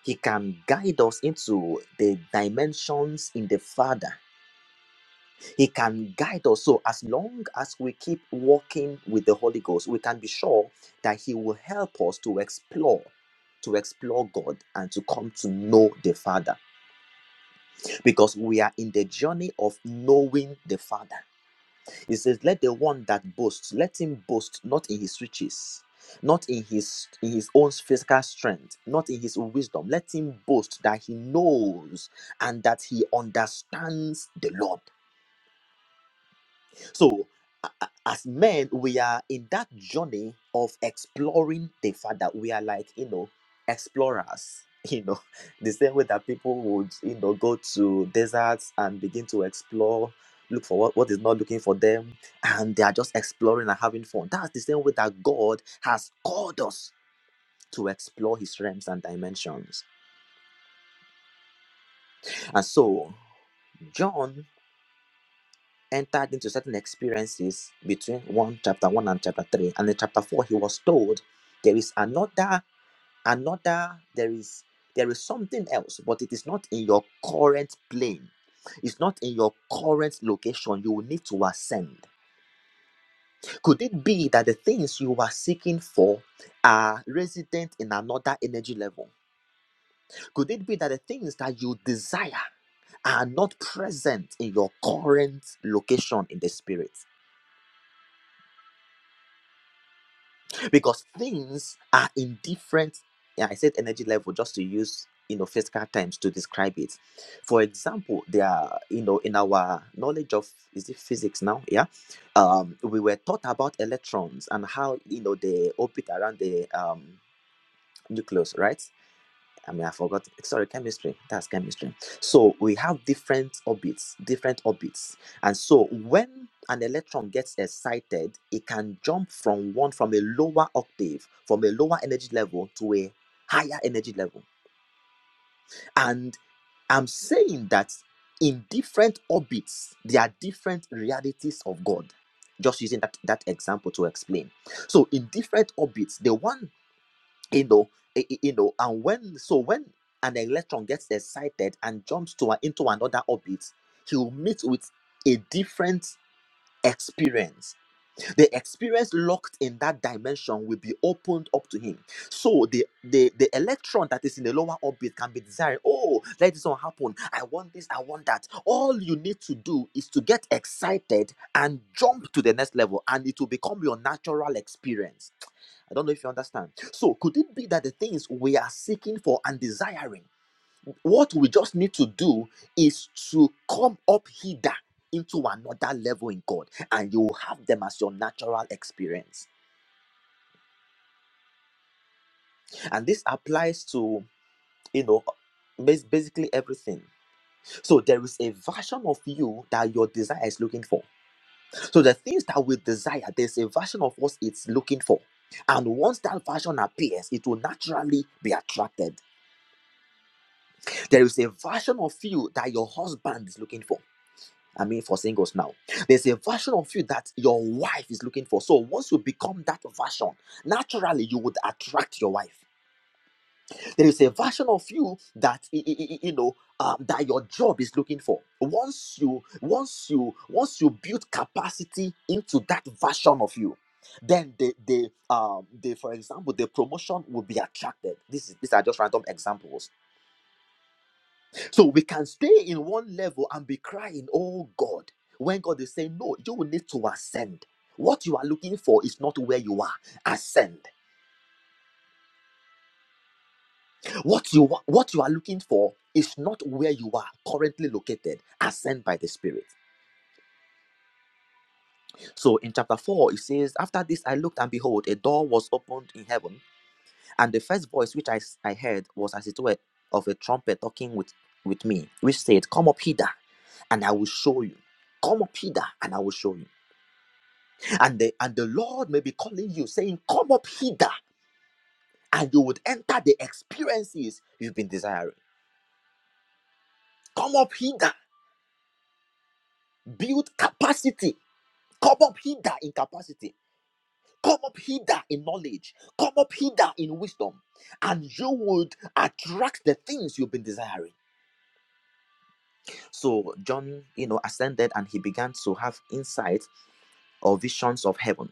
He can guide us into the dimensions in the Father. He can guide us. So, as long as we keep walking with the Holy Ghost, we can be sure that He will help us to explore, to explore God and to come to know the Father because we are in the journey of knowing the Father. He says, Let the one that boasts, let him boast not in his riches, not in his in his own physical strength, not in his wisdom. Let him boast that he knows and that he understands the Lord. So, a- a- as men, we are in that journey of exploring the Father. We are like, you know, explorers. *laughs* You know, the same way that people would, you know, go to deserts and begin to explore, look for what, what is not looking for them, and they are just exploring and having fun. That's the same way that God has called us to explore his realms and dimensions. And so, John entered into certain experiences between one chapter one and chapter three and in chapter four he was told there is another another there is there is something else but it is not in your current plane it's not in your current location you will need to ascend could it be that the things you are seeking for are resident in another energy level could it be that the things that you desire are not present in your current location in the spirit because things are in different yeah, i said energy level just to use you know physical terms to describe it for example there are you know in our knowledge of is it physics now yeah um we were taught about electrons and how you know they orbit around the um nucleus right I mean, I forgot. Sorry, chemistry. That's chemistry. So we have different orbits, different orbits. And so when an electron gets excited, it can jump from one, from a lower octave, from a lower energy level to a higher energy level. And I'm saying that in different orbits, there are different realities of God. Just using that, that example to explain. So in different orbits, the one you know i- i- you know and when so when an electron gets excited and jumps to a, into another orbit he'll meet with a different experience the experience locked in that dimension will be opened up to him so the the the electron that is in the lower orbit can be desiring oh let this one happen i want this i want that all you need to do is to get excited and jump to the next level and it will become your natural experience I don't know if you understand. So, could it be that the things we are seeking for and desiring, what we just need to do is to come up hither into another level in God, and you will have them as your natural experience. And this applies to, you know, bas- basically everything. So, there is a version of you that your desire is looking for. So, the things that we desire, there's a version of us it's looking for. And once that version appears, it will naturally be attracted There is a version of you that your husband is looking for. I mean, for singles now, there's a version of you that your wife is looking for. So once you become that version, naturally you would attract your wife. There is a version of you that i- i- i- you know um, that your job is looking for. Once you, once you, once you build capacity into that version of you, then the the um the for example the promotion will be attracted. This is these are just random examples So we can stay in one level and be crying, Oh God, when God is saying, No, you will need to ascend. What you are looking for is not where you are. Ascend. What you wa- what you are looking for is not where you are currently located. Ascend by the Spirit. So in chapter four, it says, After this I looked and behold, a door was opened in heaven, and the first voice which I, s- I heard was as it were of a trumpet talking with, with me, which said, Come up hither, and I will show you. Come up hither, and I will show you. and the and the lord may be calling you saying come up hither and you would enter the experiences you've been desiring come up hither build capacity come up hither in capacity come up hither in knowledge come up hither in wisdom and you would attract the things you've been desiring so john you know ascended and he began to have insight. or visions of heaven.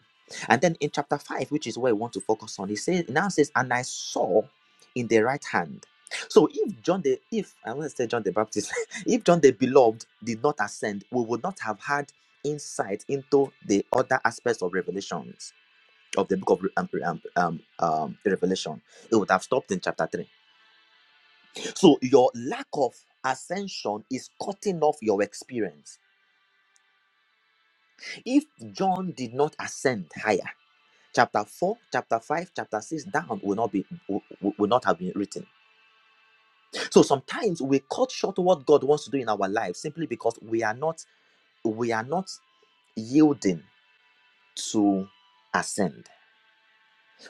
And then in chapter 5, which is where we want to focus on, he says it now says, And I saw in the right hand. So if John the if I want to say John the Baptist, *laughs* if John the beloved did not ascend, we would not have had insight into the other aspects of revelations of the book of um, um, um, um, revelation. It would have stopped in chapter 3. So your lack of ascension is cutting off your experience. If John did not ascend higher, chapter 4 chapter 5 chapter 6 down will not be will, will not have been written so sometimes we cut short what god wants to do in our lives simply because we are not we are not yielding to ascend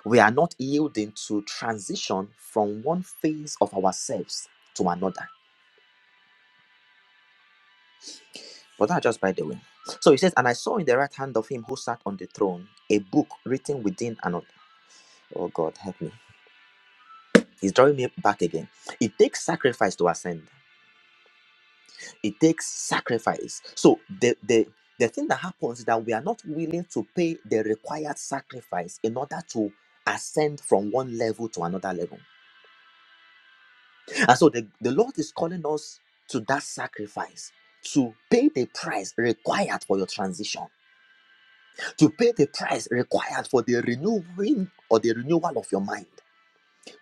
we are not yielding to transition from one phase of ourselves to another but that just by the way so he says and i saw in the right hand of him who sat on the throne a book written within and oh god help me he's drawing me back again it takes sacrifice to ascend it takes sacrifice so the the the thing that happens is that we are not willing to pay the required sacrifice in order to ascend from one level to another level and so the, the lord is calling us to that sacrifice to pay the price required for your transition to pay the price required for the renewing or the renewal of your mind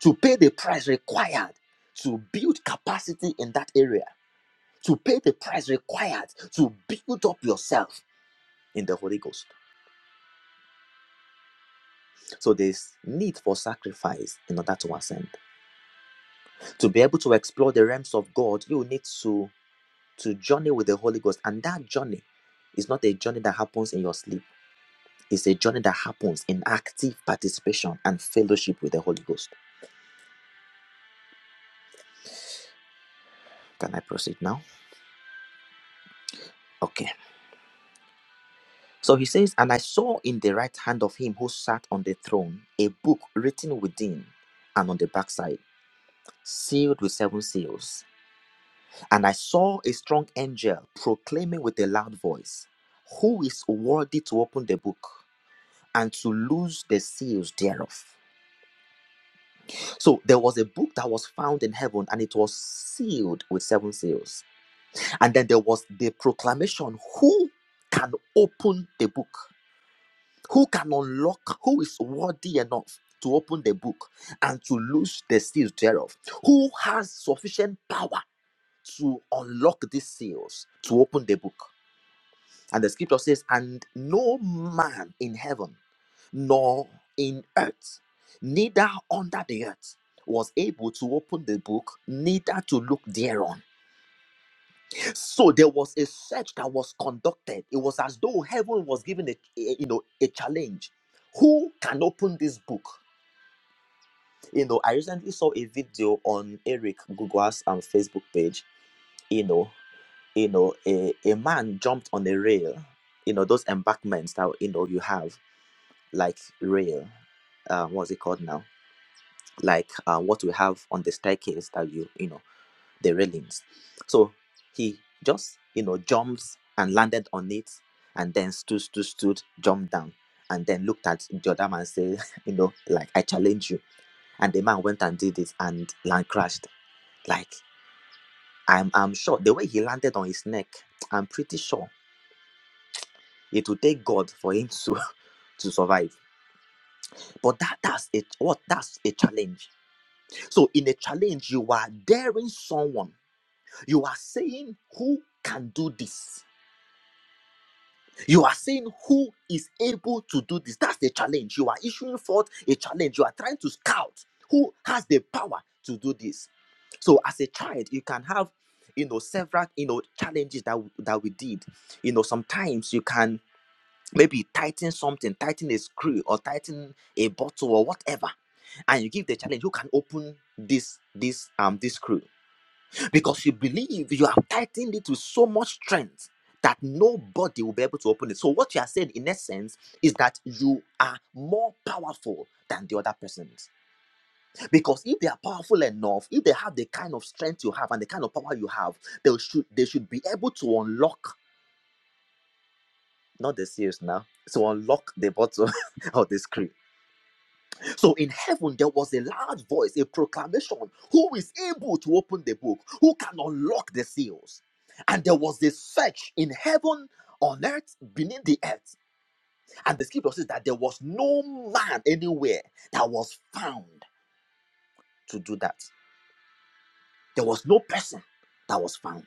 to pay the price required to build capacity in that area to pay the price required to build up yourself in the Holy Ghost. So there's need for sacrifice in order to ascend. To be able to explore the realms of God, you need to to journey with the Holy Ghost. And that journey is not a journey that happens in your sleep. It's a journey that happens in active participation and fellowship with the Holy Ghost. Can I proceed now? Okay. So he says, And I saw in the right hand of him who sat on the throne a book written within and on the backside, sealed with seven seals. And I saw a strong angel proclaiming with a loud voice, Who is worthy to open the book and to loose the seals thereof? So there was a book that was found in heaven and it was sealed with seven seals. And then there was the proclamation, Who can open the book? Who can unlock? Who is worthy enough? To open the book and to loose the seals thereof. Who has sufficient power to unlock these seals to open the book? And the scripture says, And no man in heaven, nor in earth, neither under the earth, was able to open the book, neither to look thereon. So there was a search that was conducted. It was as though heaven was given a, a- you know a challenge. Who can open this book? You know, I recently saw a video on Eric Gugwa's um, Facebook page. You know you know, a, a man jumped on a rail, you know, those embankments that, you know, you have like rail, uh, what's it called now? Like uh, what we have on the staircase that you, you know, the railings. So he just, you know, jumps and landed on it and then stood, stood, stood, jumped down and then looked at the other man and said, *laughs* you know, like, I challenge you. And the man went and did it and land crashed. Like, I'm, I'm sure the way he landed on his neck, I'm pretty sure It will take God for him to *laughs* to survive. But that that's it. What that's a challenge. So in a challenge, you are daring someone. You are saying who can do this. You are saying who is able to do this. That's the challenge. You are issuing forth a challenge. You are trying to scout who has the power to do this. So as a child, you can have you know several you know challenges that we- that we did. You know sometimes you can maybe tighten something, tighten a screw or tighten a bottle or whatever, and you give the challenge, who can open this this um this screw because you believe you have tightened it with so much strength that nobody will be able to open it. So what you are saying in essence is that you are more powerful than the other persons. Because if they are powerful enough, if they have the kind of strength you have and the kind of power you have, they should they should be able to unlock not the seals now. to unlock the bottle *laughs* or the screw So in heaven, there was a loud voice, a proclamation who is able to open the book, who can unlock the seals. And there was a search in heaven, on earth, beneath the earth. And the scripture says that there was no man anywhere that was found to do that. There was no person that was found.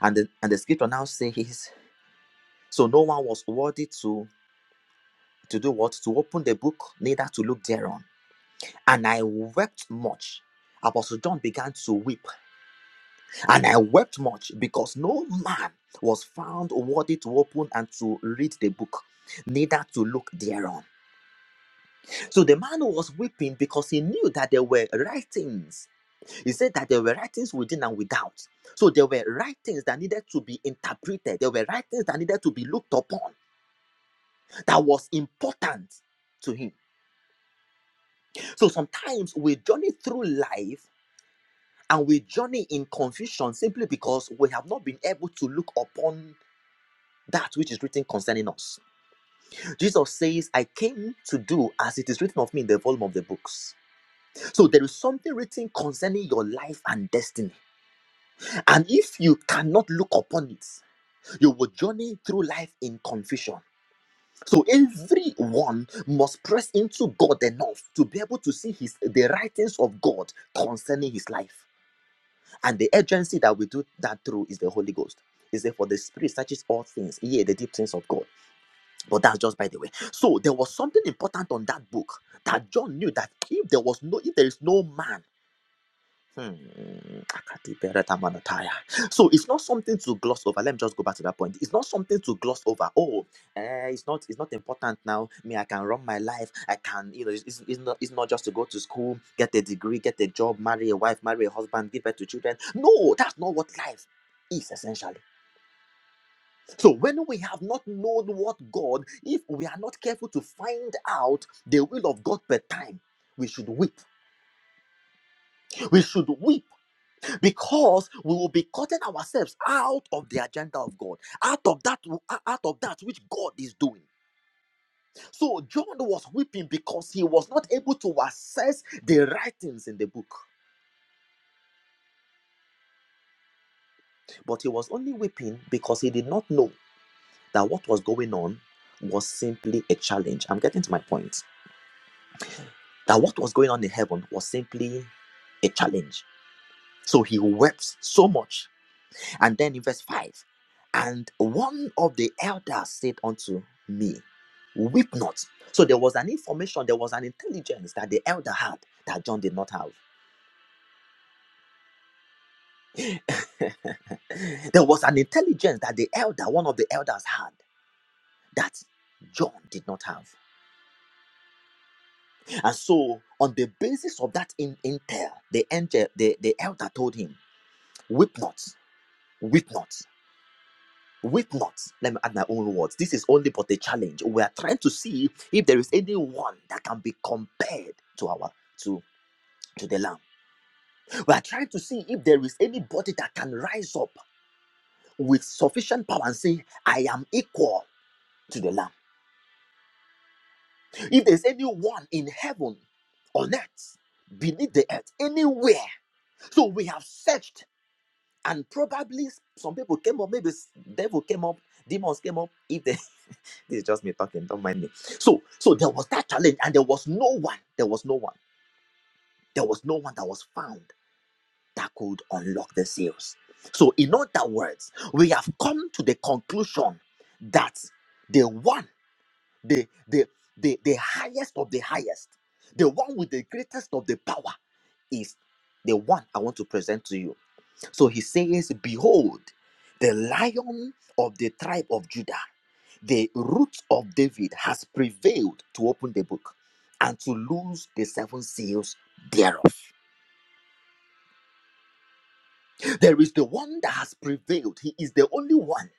And the, and the scripture now says, So no one was worthy to, to do what? To open the book, neither to look thereon. And I wept much. Apostle John began to weep And I wept much because no man was found worthy to open and to read the book, neither to look thereon. So the man was weeping because he knew that there were writings. He said that there were writings within and without. So there were writings that needed to be interpreted, there were writings that needed to be looked upon, that was important to him. So sometimes we journey through life and we journey in confusion simply because we have not been able to look upon that which is written concerning us. Jesus says, I came to do as it is written of me in the volume of the books. So there is something written concerning your life and destiny. And if you cannot look upon it, you will journey through life in confusion. So everyone must press into God enough to be able to see his the writings of God concerning his life. And the agency that we do that through is the Holy Ghost. Is that for the spirit searches all things, yea, the deep things of God. But that's just by the way. So there was something important on that book that John knew that if there was no, if there is no man, hmm, so it's not something to gloss over. Let me just go back to that point. It's not something to gloss over. Oh, eh, it's not, it's not important now. Me, I can run my life. I can, you know, it's, it's, it's not, it's not just to go to school, get a degree, get a job, marry a wife, marry a husband, give birth to children. No, that's not what life is essentially so when we have not known what God, if we are not careful to find out the will of God per time, we should weep. We should weep because we will be cutting ourselves out of the agenda of God, out of that, out of that which God is doing. So John was weeping because he was not able to assess the writings in the book, but he was only weeping because he did not know that what was going on was simply a challenge. I'm getting to my point. that what was going on in heaven was simply a challenge. So he wept so much. And then in verse 5, and one of the elders said unto me, Weep not. So there was an information, there was an intelligence that the elder had that John did not have. *laughs* there was an intelligence that the elder, one of the elders, had that John did not have. And so, on the basis of that in- intel, the angel, the, the elder told him, Weep not, weep not. Wait not, let me add my own words. This is only but a challenge. We are trying to see if there is anyone that can be compared to our to to the Lamb. We are trying to see if there is anybody that can rise up with sufficient power and say, "I am equal to the Lamb." If there is anyone in heaven, on earth, beneath the earth, anywhere. So we have searched, and probably some people came up. Maybe devil came up, demons came up. If they This is just me talking, don't mind me. So, so there was that challenge, and there was no one, there was no one, there was no one that was found that could unlock the seals. So, in other words, we have come to the conclusion that the one, the the the, the highest of the highest, the one with the greatest of the power is the one I want to present to you. So he says, Behold, the lion of the tribe of Judah, the root of David, has prevailed to open the book and to loose the seven seals thereof. There is the one that has prevailed. He is the only one.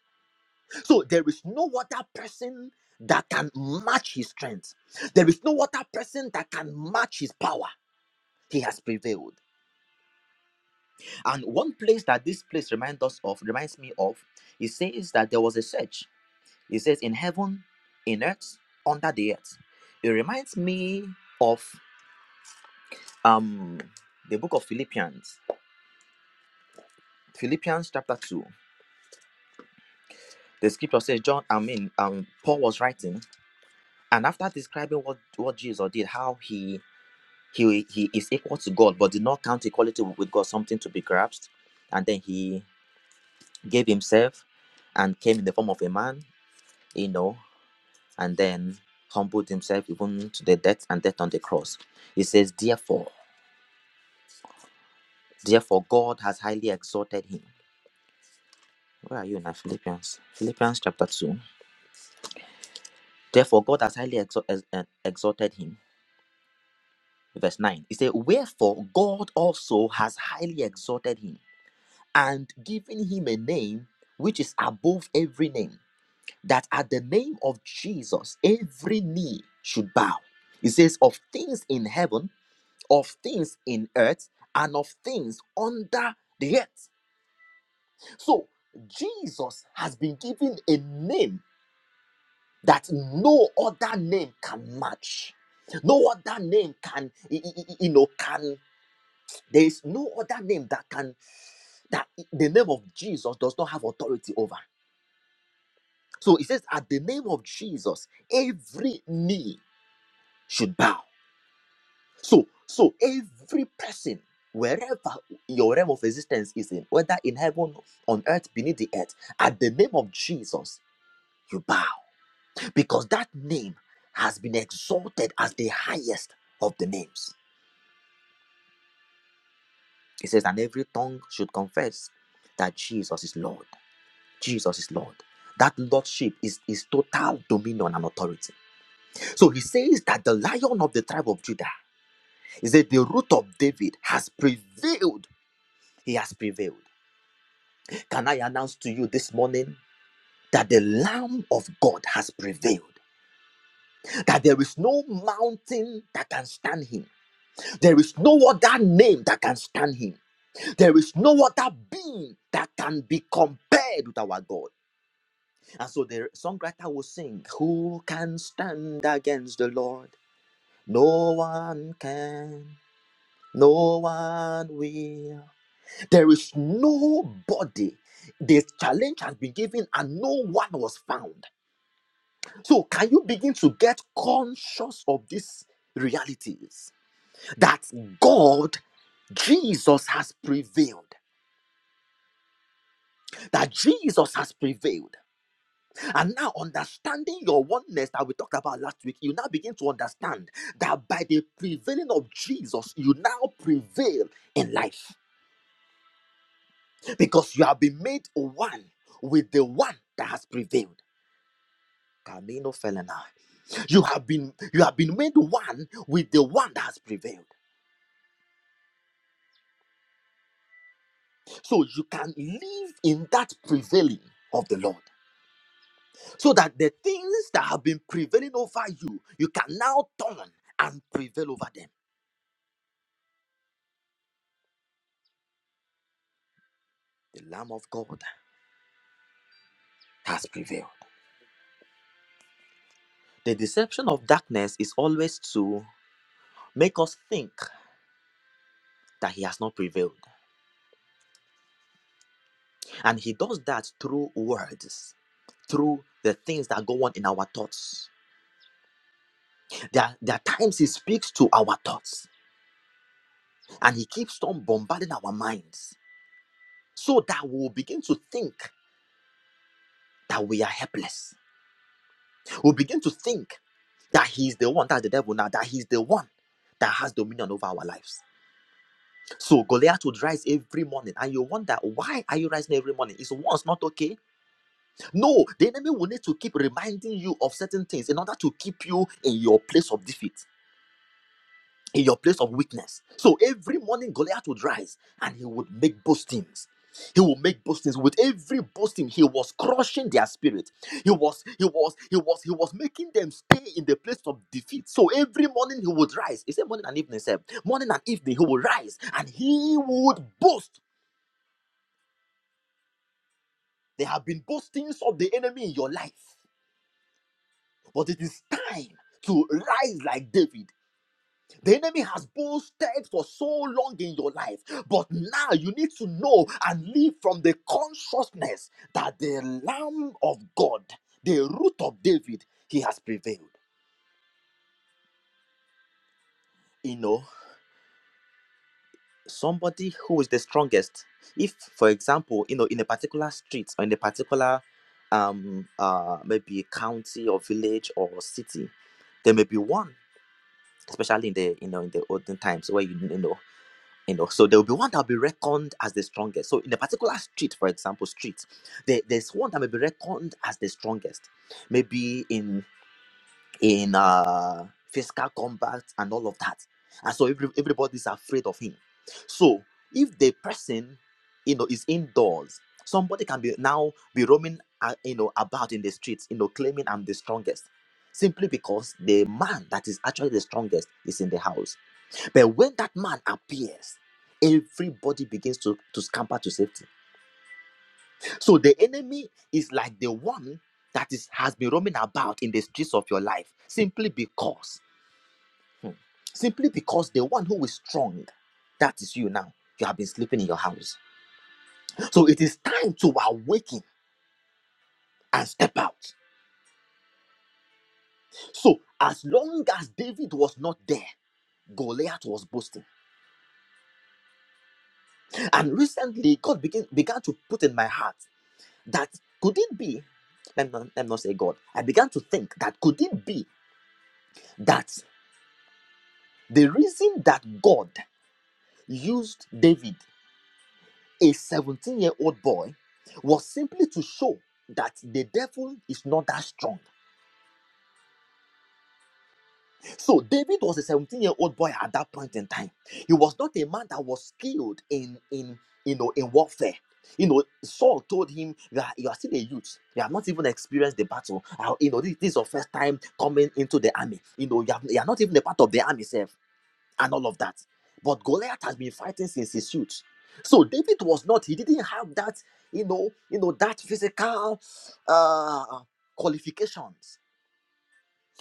So there is no other person that can match his strength. There is no other person that can match his power. He has prevailed. And one place that this place reminds us of, reminds me of, it says that there was a search It says, in heaven, in earth, under the earth. It reminds me of um the book of Philippians, Philippians chapter 2. The scripture says, John, I mean, um, Paul was writing, and after describing what, what Jesus did, how he he he is equal to God, but did not count equality with God something to be grasped, and then he gave himself and came in the form of a man, you know, and then humbled himself even to the death and death on the cross. He says, Therefore, Therefore, God has highly exalted him. Where are you now? Philippians? Philippians chapter 2. Therefore, God has highly exal- ex- eh, exalted him. Verse 9. It says, Wherefore God also has highly exalted him and given him a name which is above every name, that at the name of Jesus every knee should bow. It says, Of things in heaven, of things in earth, and of things under the earth. So Jesus has been given a name that no other name can match no other name can y- y- y- you know can there is no other name that can that the name of jesus does not have authority over so it says at the name of jesus every knee should bow so so every person wherever your realm of existence is in whether in heaven on earth beneath the earth at the name of jesus you bow because that name has been exalted as the highest of the names. It says, and every tongue should confess that Jesus is Lord. Jesus is Lord. That lordship is, is total dominion and authority. So he says that the lion of the tribe of Judah is that the root of David has prevailed. He has prevailed. Can I announce to you this morning that the Lamb of God has prevailed? That there is no mountain that can stand him There is no other name that can stand him. There is no other being that can be compared with our God. And so the songwriter will sing, Who can stand against the Lord? No one can. No one will. There is nobody. The challenge has been given and no one was found. So, can you begin to get conscious of these realities that God, Jesus, has prevailed? that Jesus has prevailed. And now, understanding your oneness that we talked about last week, you now begin to understand that by the prevailing of Jesus, you now prevail in life because you have been made one with the one that has prevailed. Camino Felena. You have been you have been made one with the one that has prevailed. So you can live in that prevailing of the Lord. So that the things that have been prevailing over you, you can now turn and prevail over them the lamb of god has prevailed the deception of darkness is always to make us think that he has not prevailed and he does that through words through the things that go on in our thoughts there are, there are times he speaks to our thoughts and he keeps on bombarding our minds so that we'll begin to think that we are helpless we'll begin to think that he's the one that's the devil now that he's the one that has dominion over our lives So Goliath would rise every morning, and you wonder why are you rising every morning? Is once not okay? No, the enemy will need to keep reminding you of certain things in order to keep you in your place of defeat, in your place of weakness. So every morning Goliath would rise, and he would make boastings. He would make boastings. With every boasting, he was crushing their spirit. He was, he was, he was, he was making them stay in the place of defeat. So every morning he would rise. He said morning and evening, sir. Morning and evening he would rise, and he would boast There have been boastings of the enemy in your life, but it is time to rise like David. The enemy has boasted for so long in your life, but now you need to know and live from the consciousness that the Lamb of God, the root of David, he has prevailed. You know, somebody who is the strongest. If, for example, you know, in a particular street or in a particular um uh maybe county or village or city, there may be one especially in the you know in the olden times where you, you know you know so there will be one that will be reckoned as the strongest so in a particular street for example street there, there's one that may be reckoned as the strongest maybe in in uh physical combat and all of that and so every, everybody's afraid of him so if the person you know is indoors somebody can be now be roaming uh, you know about in the streets you know claiming i'm the strongest simply because the man that is actually the strongest is in the house but when that man appears, everybody begins to, to scamper to safety. So the enemy is like the one that is has been roaming about in the streets of your life simply because, hmm, simply because the one who is strong, that is you now. You have been sleeping in your house. So it is time to awaken and step out. So as long as David was not there, Goliath was boasting. And recently, God began, began to put in my heart. that could it be let me, not- let me not say god i began to think that could it be that the reason that god used david a 17 year old boy was simply to show that the devil is not that strong So David was a 17 year old boy at that point in time. He was not a man that was skilled in in you know in warfare. You know, Saul told him that you are still a youth. You have not even experienced the battle. Uh, you know, this, this is your first time coming into the army. You know, you, have, you are not even a part of the army itself and all of that. But Goliath has been fighting since his youth. So David was not. He didn't have that. You know, you know that physical uh, qualifications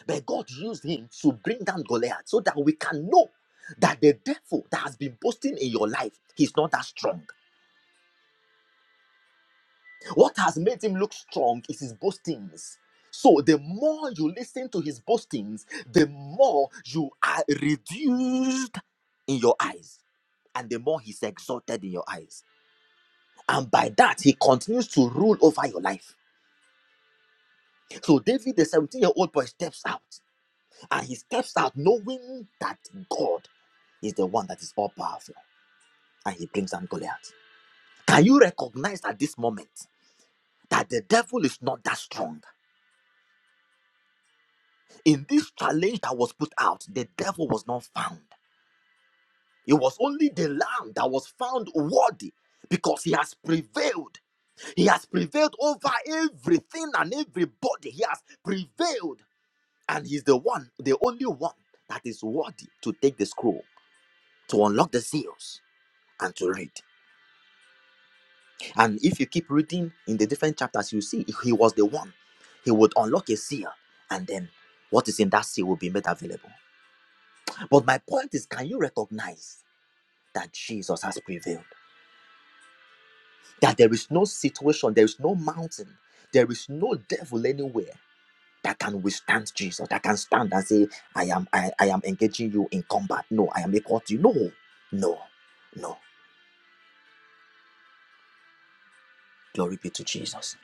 but God used him to bring down Goliath so that we can know that the devil that has been boasting in your life, he's not that strong. What has made him look strong is his boastings. So the more you listen to his boastings, the more you are reduced in your eyes and the more he's exalted in your eyes. And by that, he continues to rule over your life. So David, the 17 year old boy, steps out. And he steps out knowing that God is the one that is all powerful. And he brings down Goliath. Can you recognize at this moment that the devil is not that strong? In this challenge that was put out, the devil was not found. It was only the lamb that was found worthy because he has prevailed. He has prevailed over everything and everybody. He has prevailed. And he's the one, the only one that is worthy to take the scroll, to unlock the seals, and to read. And if you keep reading in the different chapters, you see he was the one. He would unlock a seal, and then what is in that seal will be made available. But my point is, can you recognize that Jesus has prevailed? That there is no situation, there is no mountain, there is no devil anywhere that can withstand Jesus, that can stand and say, I am I, I am engaging you in combat. No, I am equal to you. No, no, no. Glory be to Jesus.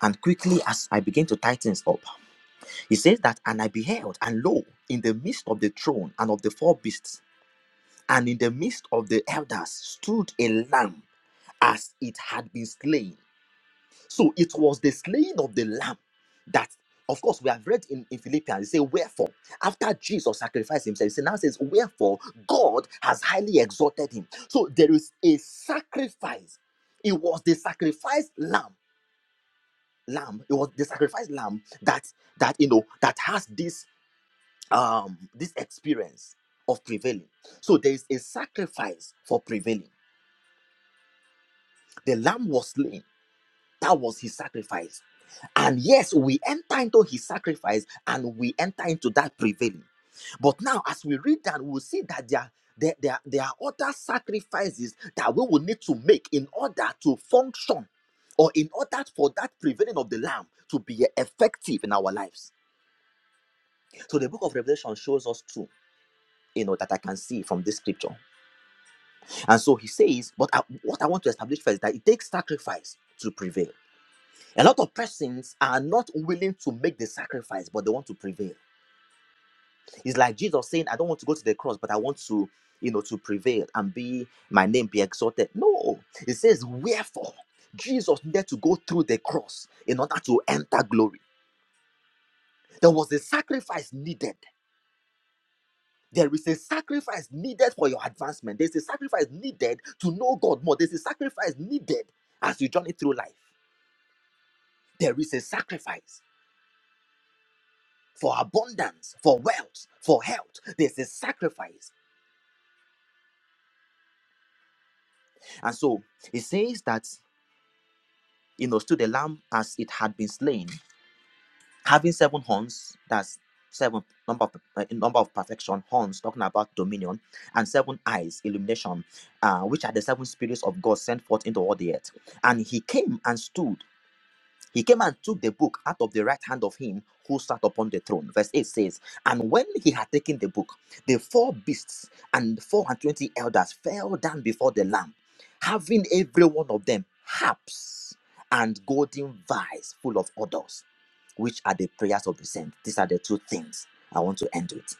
And quickly as I begin to tie things up, He says that, and I beheld, and lo, in the midst of the throne and of the four beasts, and in the midst of the elders stood a lamb as it had been slain. So it was the slaying of the lamb that, of course, we have read in, in Philippians, it say, Wherefore, after Jesus sacrificed himself, it now says, Wherefore, God has highly exalted him. So there is a sacrifice. It was the sacrificed lamb. Lamb, it was the sacrificed lamb that that you know that has this um this experience of prevailing so there is a sacrifice for prevailing the lamb was slain that was his sacrifice and yes we enter into his sacrifice and we enter into that prevailing but now as we read that we'll see that there are there, there, are- there are other sacrifices that we will need to make in order to function or in order for that prevailing of the lamb to be effective in our lives so the book of revelation shows us too you know that i can see from this scripture And so he says, but I- what I want to establish first is that it takes sacrifice to prevail. A lot of persons are not willing to make the sacrifice, but they want to prevail. It's like Jesus saying, I don't want to go to the cross, but I want to, you know, to prevail and be my name be exalted. No, it says, wherefore Jesus needed to go through the cross in order to enter glory. There was a sacrifice needed. There is a sacrifice needed for your advancement. There's a sacrifice needed to know God more. There's a sacrifice needed as you journey through life. There is a sacrifice for abundance, for wealth, for health. There's a sacrifice. And so it says that, you know, stood the lamb as it had been slain, having seven horns, that's seven number of uh, number of perfection horns talking about dominion and seven eyes illumination uh, which are the seven spirits of god sent forth into all the earth and he came and stood He came and took the book out of the right hand of him who sat upon the throne. Verse 8 says, And when he had taken the book, the four beasts and four and twenty elders fell down before the Lamb, having every one of them harps and golden vials full of odors, which are the prayers of the saints. These are the two things I want to end with.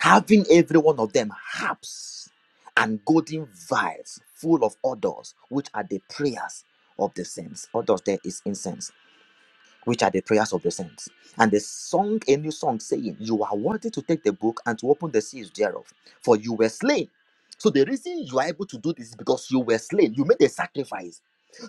Having every one of them harps and golden vials full of odors, which are the prayers of the saints. Odors there is incense which are the prayers of the saints. And they sung a new song saying, You are worthy to take the book and to open the seals thereof, for you were slain. So the reason you are able to do this is because you were slain. You made a sacrifice.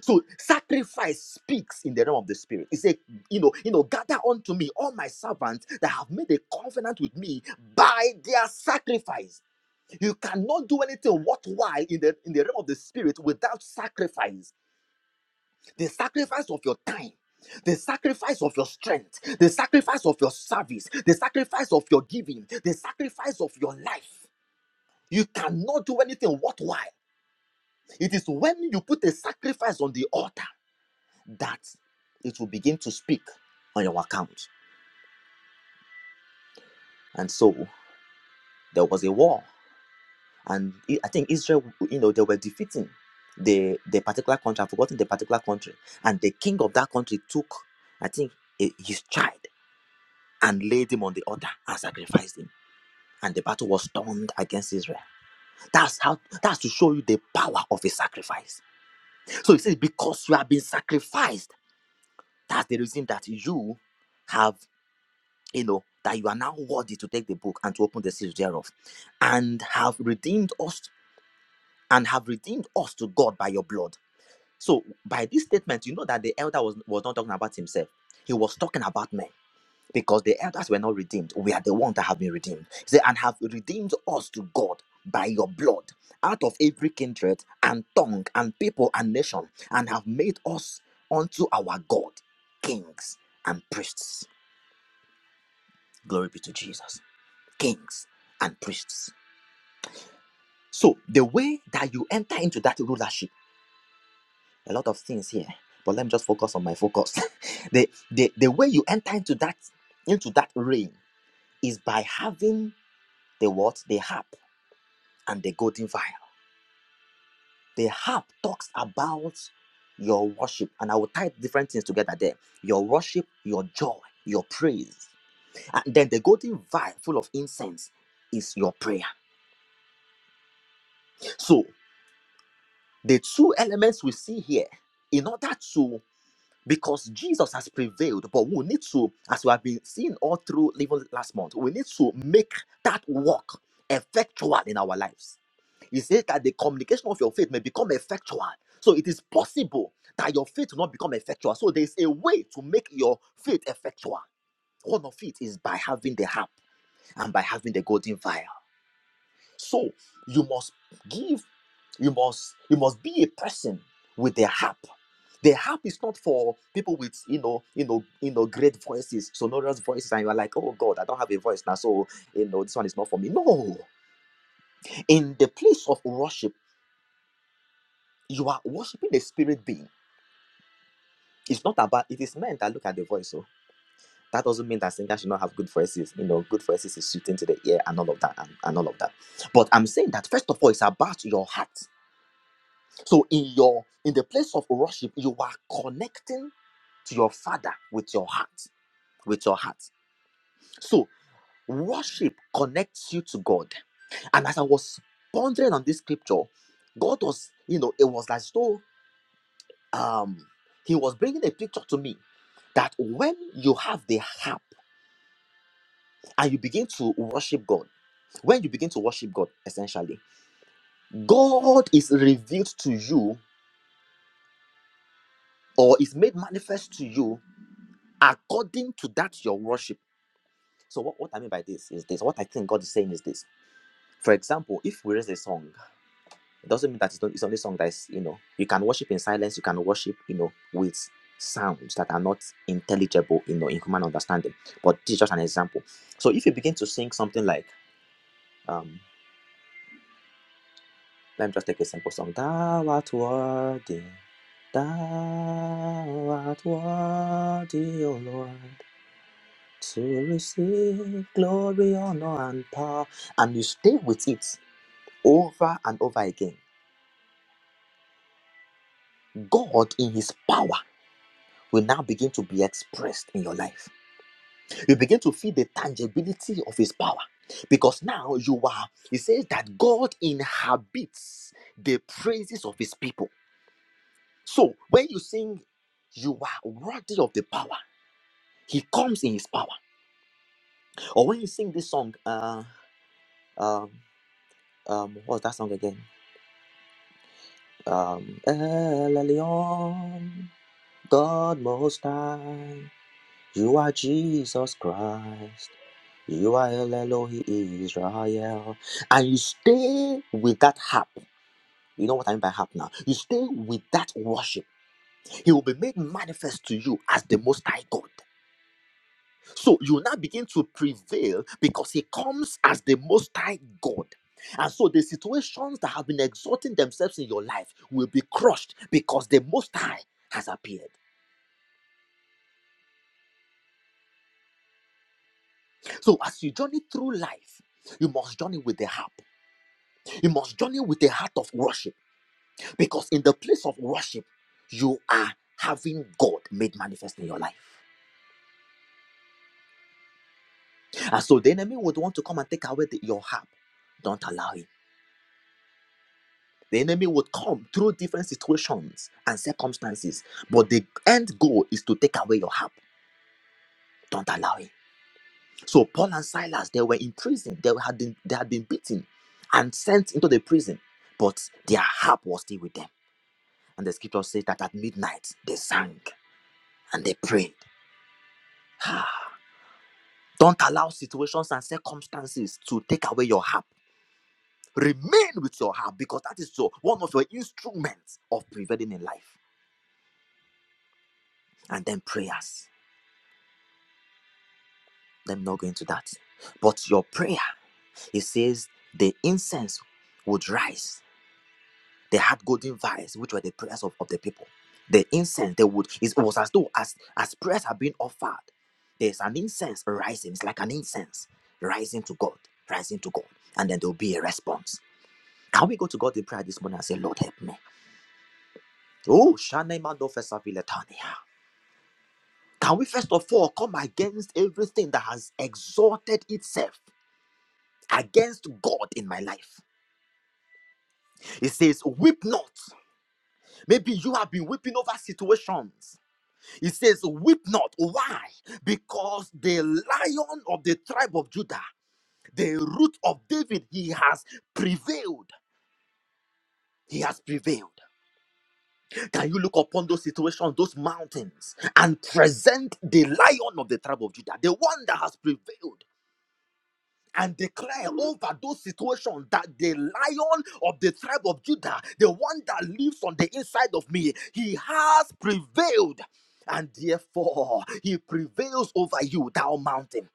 So sacrifice speaks in the realm of the spirit. It said, you know, you know, gather unto me all my servants that have made a covenant with me by their sacrifice. You cannot do anything worthwhile in the in the realm of the spirit without sacrifice the sacrifice of your time the sacrifice of your strength, the sacrifice of your service, the sacrifice of your giving, the sacrifice of your life. You cannot do anything worthwhile. It is when you put a sacrifice on the altar that it will begin to speak on your account. And so there was a war, and I I think Israel, you know, they were defeating the the particular country. I've forgotten the particular country, and the king of that country took, I think, eh, his child. and laid him on the altar and sacrificed him. And the battle was turned against Israel. That's how that's to show you the power of a sacrifice. So he says, because you have been sacrificed, that's the reason that you have, you know, that you are now worthy to take the book and to open the seals thereof, and have redeemed us and have redeemed us to God by your blood. So by this statement, you know that the elder was, was not talking about himself, he was talking about men because the elders were not redeemed. We are the ones that have been redeemed. He said, and have redeemed us to God by your blood out of every kindred and tongue and people and nation, and have made us unto our God kings and priests. Glory be to Jesus. Kings and priests. So, the way that you enter into that rulership, a lot of things here, but let me just focus on my focus. *laughs* the, the, the way you enter into that into that reign is by having the what? The harp and the golden vial. The harp talks about your worship, and I will tie different things together there your worship, your joy, your praise. And then the golden vial full of incense is your prayer. So, the two elements we see here, in order to because Jesus has prevailed, but we need to, as we have been seeing all through even last month, we need to make that work effectual in our lives He says that the communication of your faith may become effectual. So it is possible that your faith will not become effectual. So there is a way to make your faith effectual. One of it is by having the harp and by having the golden vial. So you must give, you must, you must be a person with the harp. The harp is not for people with you know, you know, you know, great voices, sonorous voices, and you are like, oh God, I don't have a voice now, so you know, this one is not for me. No, in the place of worship You are worshiping the spirit being. It's not about it is men that look at the voice. So that doesn't mean that singer should not have good voices. You know, good voices is suiting to the ear and all of that and, and all of that. But I'm saying that first of all, it's about your heart. So in your in the place of worship, you are connecting to your father with your heart. With your heart. So worship connects you to God. And as I was pondering on this scripture, God was, you know, it was like so. um he was bringing a picture to me that when you have the harp and you begin to worship god when you begin to worship god essentially god is revealed to you or is made manifest to you according to that your worship so what, what i mean by this is this what i think god is saying is this for example if we raise a song It doesn't mean that it's, not, it's only song that is, you know, you can worship in silence, you can worship, you know, with sounds that are not intelligible, you know, in human understanding. But this is just an example. So if you begin to sing something like, um, let me just take a simple song. Thou art worthy, thou art worthy, O Lord, to receive glory, honor, and power. And you stay with it over and over again. God in his power. will now begin to be expressed in your life. You begin to feel the tangibility of his power because now you are, he says that God inhabits the praises of his people. So when you sing, you are worthy of the power. He comes in his power. Or when you sing this song, uh, um, um, what's that song again? Um, El Elyon, God Most High. You are Jesus Christ. You are El Eloi Israel. And you stay with that harp. You know what I mean by harp now? You stay with that worship. He will be made manifest to you as the Most High God. So you now begin to prevail because He comes as the Most High God. And so the situations that have been exalting themselves in your life will be crushed because the Most High has appeared. So as you journey through life, you must journey with the harp. You must journey with a heart of worship because in the place of worship, you are having God made manifest in your life. And so the enemy would want to come and take away the- your harp. Don't allow him. The enemy would come through different situations and circumstances, but the end goal is to take away your harp. Don't allow him. So Paul and Silas, they were in prison. They had been, they had been beaten and sent into the prison, but their harp was still with them. And the scripture says that at midnight they sang and they prayed *sighs* Don't allow situations and circumstances to take away your harp. Remain with your harp because that is your one of your instruments of prevailing in life. And then prayers. Let me not go into that. But your prayer, it says the incense would rise. They had golden vials, which were the prayers of, of the people. The incense they would it was as though as as prayers are being offered, there's an incense rising. It's like an incense rising to God, rising to God, and then there will be a response Can we go to God in prayer this morning and say, Lord, help me? Oh, Shane Mando Fesaviletania. Can we first of all come against everything that has exalted itself against God in my life? It says, Weep not. Maybe you have been weeping over situations. It says, Weep not. Why? Because the lion of the tribe of Judah, the root of David, he has prevailed. He has prevailed. Can you look upon those situations, those mountains, and present the lion of the tribe of Judah, the one that has prevailed, and declare over those situations that the lion of the tribe of Judah, the one that lives on the inside of me, he has prevailed. And therefore, he prevails over you, thou mountain.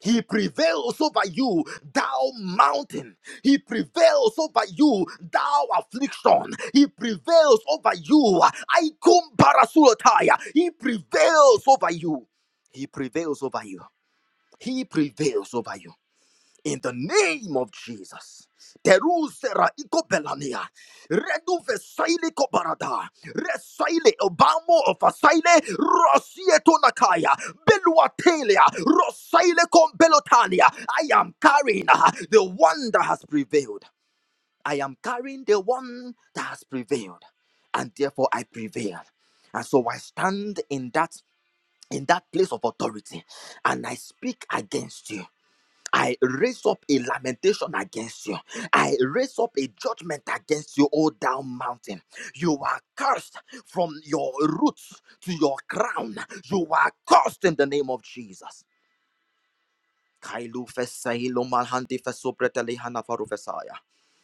He prevails over you, thou mountain. He prevails over you, thou affliction. He prevails over you. I come He prevails over you. He prevails over you. He prevails over you in the name of Jesus. teru Terusera ikopelania, redu vesaile kobarada, resaile obamo ofasaile, rosieto nakaya, beluatelia, rosaile kombelotania. I am carrying uh, the one that has prevailed. I am carrying the one that has prevailed, and therefore I prevailed, And so I stand in that in that place of authority, and I speak against you. I raise up a lamentation against you. I raise up a judgment against you, O down mountain. You are cursed from your roots to your crown. You are cursed in the name of Jesus. Kailu fesahilo malhandi fesubreteli hanafaru fesaya.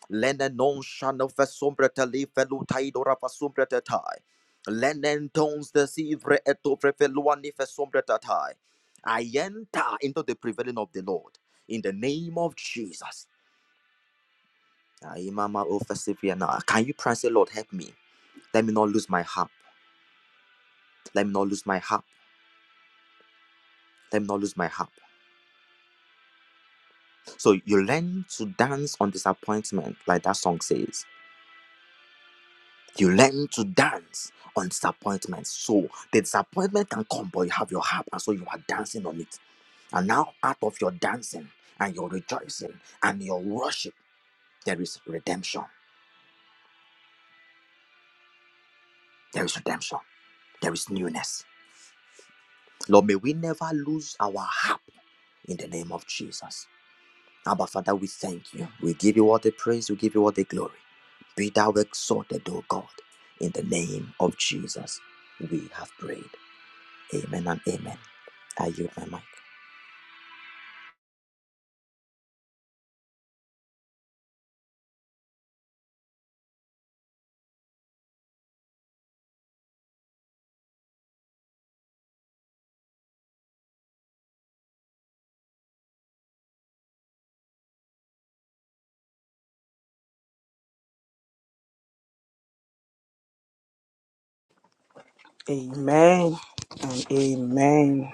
Lenen non shano fesumbrete li felu taidora fesumbrete tai. Lenen tons desivre eto prefeluani fesumbrete tai. I enter into the prevailing of the Lord in the name of Jesus. Aye, Mama, oh, persevere now. Can you pray and say, Lord, help me? Let me not lose my harp. Let me not lose my harp. Let me not lose my harp. So you learn to dance on disappointment, like that song says You learn to dance on disappointment. So the disappointment can come, but you have your harp, and so you are dancing on it. And now, out of your dancing and your rejoicing and your worship, there is redemption. There is redemption. There is newness. Lord, may we never lose our harp in the name of Jesus. Abba, Father, we thank you. We give you all the praise. We give you all the glory. Be thou exalted, O God, in the name of Jesus. We have prayed. Amen and amen. I yield my mic.
Amen and amen.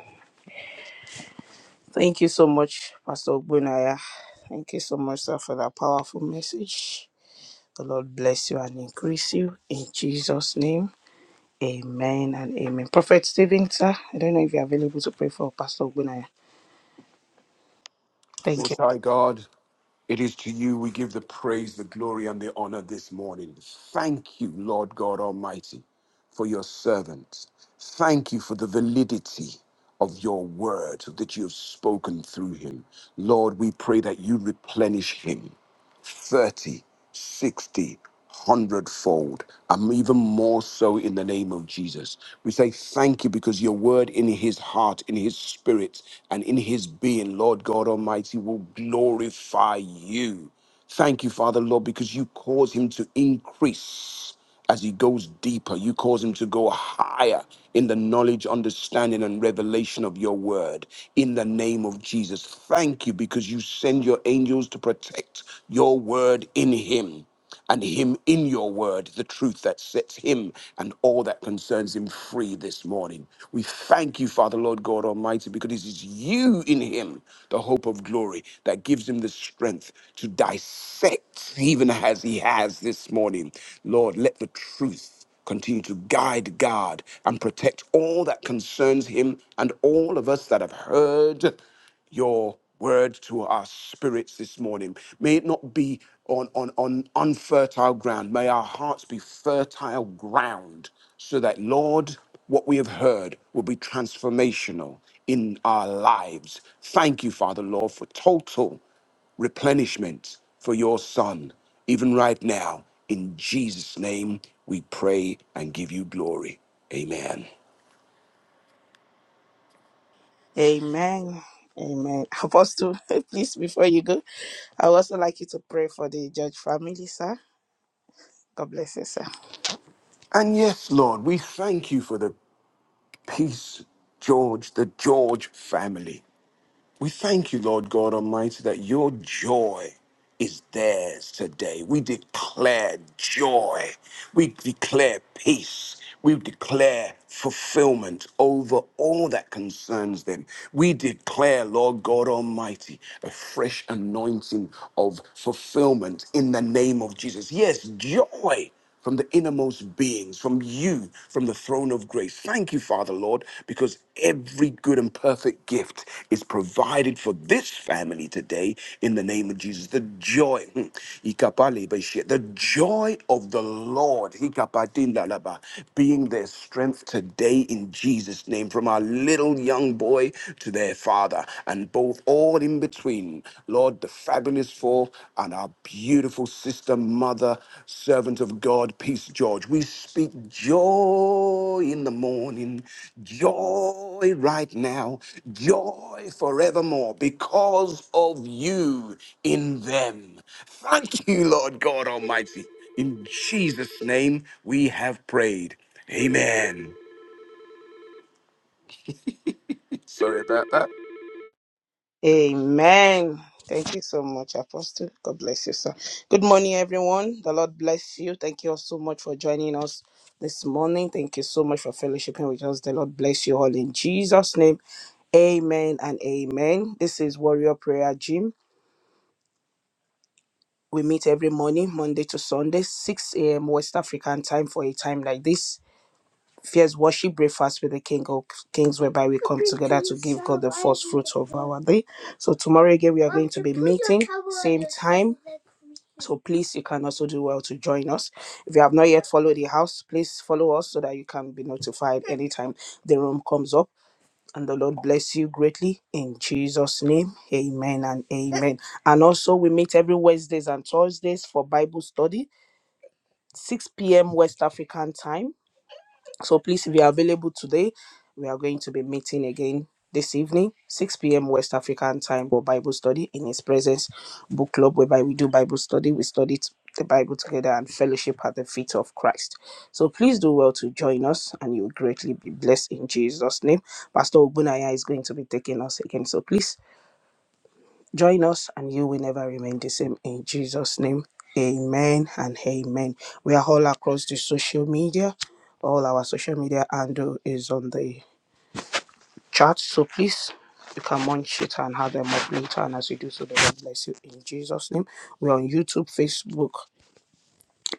Thank you so much, Pastor Bunaya. Thank you so much, sir, for that powerful message. The Lord bless you and increase you in Jesus' name. Amen and amen. Prophet Stephen, sir, I don't know if you're available to pray for Pastor Bunaya. Thank
Most
you.
High God, it is to you we give the praise, the glory, and the honor this morning. Thank you, Lord God Almighty, for your servant. Thank you for the validity of your word that you have spoken through him. Lord, we pray that you replenish him. 30, 60, hundredfold. 100 fold. And even more so in the name of Jesus. We say thank you because your word in his heart, in his spirit, and in his being, Lord God Almighty, will glorify you. Thank you, Father, Lord, because you cause him to increase. As he goes deeper, you cause him to go higher in the knowledge, understanding, and revelation of your word. In the name of Jesus, thank you because you send your angels to protect your word in him and him in your word, the truth that sets him and all that concerns him free this morning. We thank you, Father, Lord God Almighty capacity because it is you in him, the hope of glory, that gives him the strength to dissect, even as he has this morning. Lord, let the truth continue to guide, guard, and protect all that concerns him and all of us that have heard your word to our spirits this morning. May it not be on, on, on unfertile ground. May our hearts be fertile ground so that, Lord, what we have heard will be transformational in our lives. Thank you, Father, Lord, for total replenishment for your Son, even right now. In Jesus' name, we pray and give you glory. Amen.
Amen. Amen. Apostle, *laughs* please, before you go, I would also like you to pray for the judge family, sir. God bless you, sir.
And yes, Lord, we thank you for the Peace, George, the George family. We thank you, Lord God Almighty, that your joy is theirs today. We declare joy. We declare peace. We declare fulfillment over all that concerns them. We declare, Lord God Almighty, a fresh anointing of fulfillment in the name of Jesus. Yes, joy from the innermost beings, from you, from the throne of grace. Thank you, Father, Lord, because every good and perfect gift is provided for this family today in the name of Jesus. The joy, hmm, ikapale beshe- the joy of the Lord, hikapadindalaba, being their strength today in Jesus' name, from our little young boy to their father, and both all in between between, Lord, the fabulous four and our beautiful sister, mother, servant of God, Peace George. We speak joy in the morning, joy right now, joy forevermore because of you in them. Thank you, Lord God Almighty. In Jesus' name we have prayed. Amen. Sorry about that.
Amen. Thank you so much, Apostle. God bless you, sir. Good morning, everyone. The Lord bless you. Thank you all so much for joining us this morning. Thank you so much for fellowshipping with us. The Lord bless you all in Jesus' name. Amen and amen. This is Warrior Prayer Gym. We meet every morning, Monday to Sunday, 6 a.m. West African time for a time like this. Fierce worship breakfast with the King of Kings, whereby we come together to give God the first fruits of our day. So tomorrow again we are going to be meeting same time. So please you can also do well to join us. If you have not yet followed the house, please follow us so that you can be notified anytime the room comes up. And the Lord bless you greatly in Jesus' name. Amen and amen. And also we meet every Wednesdays and Thursdays for Bible study, 6 p.m. West African time. So please, if you are available today, we are going to be meeting again this evening, 6 p.m. West African time for Bible study in His Presence Book Club, whereby we do Bible study. We study t- the Bible together and fellowship at the feet of Christ. So please do well to join us, and you will greatly be blessed in Jesus' name. Pastor Obunaya is going to be taking us again. So please. Join us, and you will never remain the same. In Jesus' name, amen and amen. We are all across the social media. All our social media handle is on the chat. So please, you can munch it and have them up later. And as you do so, the Lord bless you in Jesus' name. We're on YouTube, Facebook,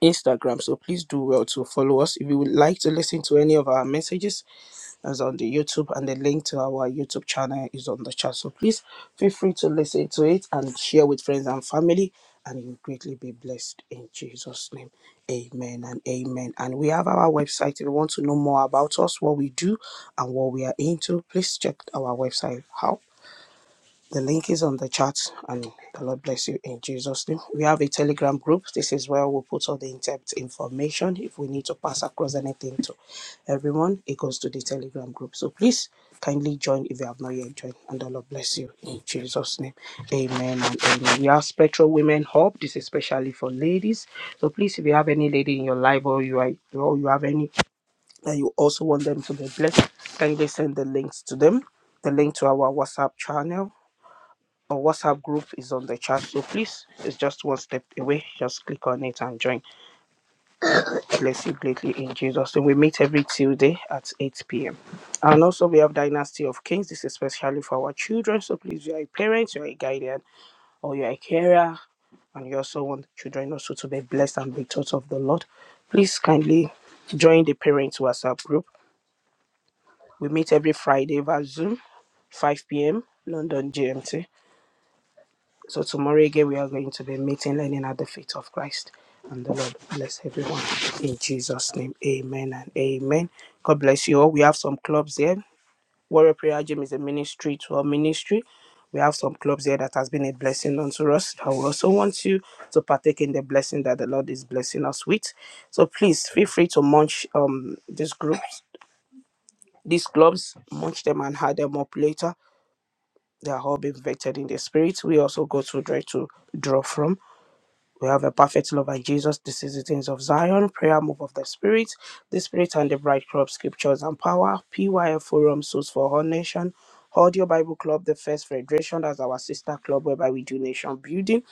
Instagram. So please do well to follow us. If you would like to listen to any of our messages, is on the YouTube, and the link to our YouTube channel is on the chat. So please feel free to listen to it and share with friends and family, and you'll greatly be blessed in Jesus' name. Amen and amen. And we have our website. If you want to know more about us, what we do, and what we are into, please check our website out the link is on the chat, and the Lord bless you in Jesus' name. We have a Telegram group. This is where we'll put all the in depth information. If we need to pass across anything to everyone, it goes to the Telegram group. So please kindly join if you have not yet joined, and the Lord bless you in Jesus' name. Amen and amen. We have Spectral Women Hub. This is especially for ladies. So please, if you have any lady in your life or you are, or you have any that you also want them to be blessed, kindly send the links to them the link to our WhatsApp channel. Our WhatsApp group is on the chat, so please, it's just one step away. Just click on it and join. Bless you greatly in Jesus. And we meet every Tuesday at 8 p.m. And also, we have Dynasty of Kings. This is especially for our children. So please, you are a parent, you are a guardian, or you are a carer, and you also want children also to be blessed and be taught of the Lord. Please kindly join the parents WhatsApp group. We meet every Friday via Zoom, 5 p.m. London GMT. So tomorrow again, we are going to be meeting, learning at the feet of Christ. And the Lord bless everyone. In Jesus' name, amen and amen. God bless you all. We have some clubs here. Warrior Prayer Gym is a ministry to our ministry. We have some clubs here that has been a blessing unto us. I will also want you to partake in the blessing that the Lord is blessing us with. So please feel free to munch um these groups, these clubs, munch them and add them up later. They are all being vetted in the spirit. We also go to try to draw from. We have a perfect love and Jesus. This is the things of Zion, prayer move of the Spirit, the Spirit and the Bride Club, Scriptures and Power, PYF Forum, Souls for All Nation, Audio Bible Club, the First Federation, that's our sister club whereby we do nation building,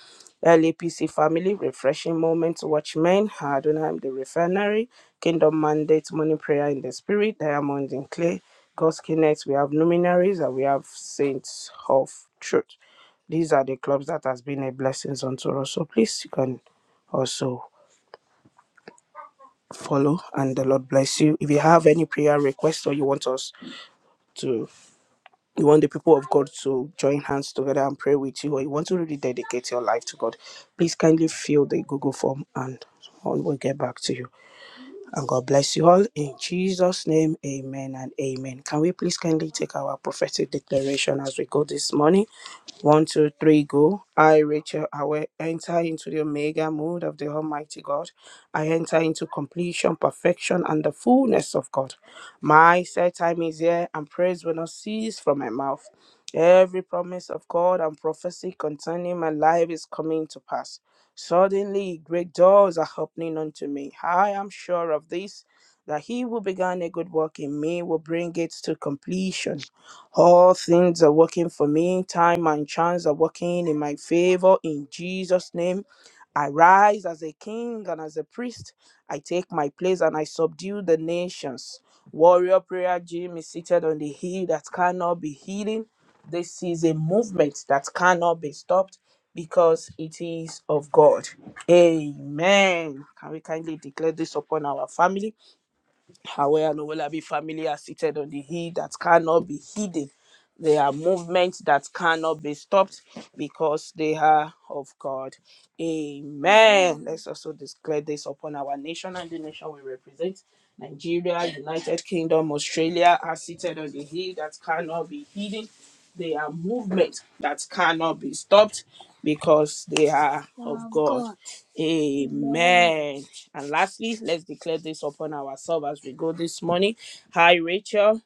LAPC Family, Refreshing Moments, Watchmen, Adonai, the Refinery, Kingdom Mandate, Morning Prayer in the Spirit, Diamonds in Clay, God's Connect, we have Luminaries, and we have Saints of Truth. These are the clubs that has been a blessings unto us. So please you can also follow and the Lord bless you. If you have any prayer request or you want us to you want the people of God to join hands together and pray with you or you want to really dedicate your life to God, please kindly fill the Google form and we'll get back to you. And God bless you all. In Jesus' name, amen and amen. Can we please kindly take our prophetic declaration as we go this morning? One, two, three, go. I, Rachel, I will enter into the omega mood of the Almighty God. I enter into completion, perfection, and the fullness of God. My set time is here, and praise will not cease from my mouth. Every promise of God and prophecy concerning my life is coming to pass. Suddenly, great doors are opening unto me. I am sure of this, that he who began a good work in me will bring it to completion. All things are working for me. Time and chance are working in my favor. In Jesus' name, I rise as a king and as a priest. I take my place and I subdue the nations. Warrior Prayer Gym is seated on the hill that cannot be hidden. This is a movement that cannot be stopped because it is of God. Amen. Can we kindly declare this upon our family? Aware and will be family are seated on the hill that cannot be hidden. They are movements that cannot be stopped because they are of God. Amen. Let's also declare this upon our nation and the nation we represent. Nigeria, United Kingdom, Australia are seated on the hill that cannot be hidden. They are movements that cannot be stopped because they are of God. Amen. And lastly, let's declare this upon ourselves as we go this morning. Hi, Rachel.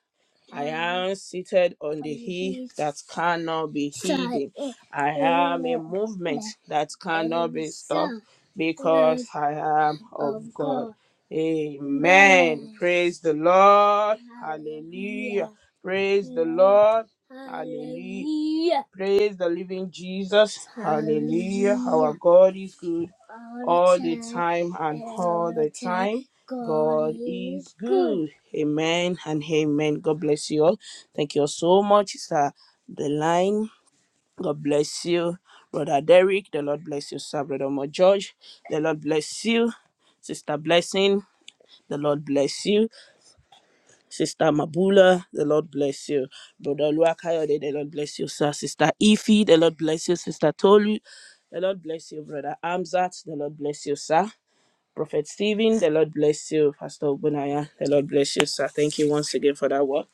I am seated on the hill that cannot be hidden. I am a movement that cannot be stopped because I am of God. Amen. Praise the Lord. Hallelujah. Praise the Lord. Hallelujah. Praise the living Jesus. Hallelujah. Our God is good all the time and all the time. God is good. Amen and amen. God bless you all. Thank you all so much, Sister The Line. God bless you, Brother Derek. The Lord bless you, Sir Brother Mo George. The Lord bless you, Sister Blessing. The Lord bless you, Sister Mabula. The Lord bless you, Brother Luakayode. The Lord bless you, Sir Sister Ifi. The Lord bless you, Sister Tolu. The Lord bless you, Brother Amzat. The Lord bless you, Sir. Prophet Stephen, the Lord bless you. Pastor Bunaya, the Lord bless you, sir. Thank you once again for that word.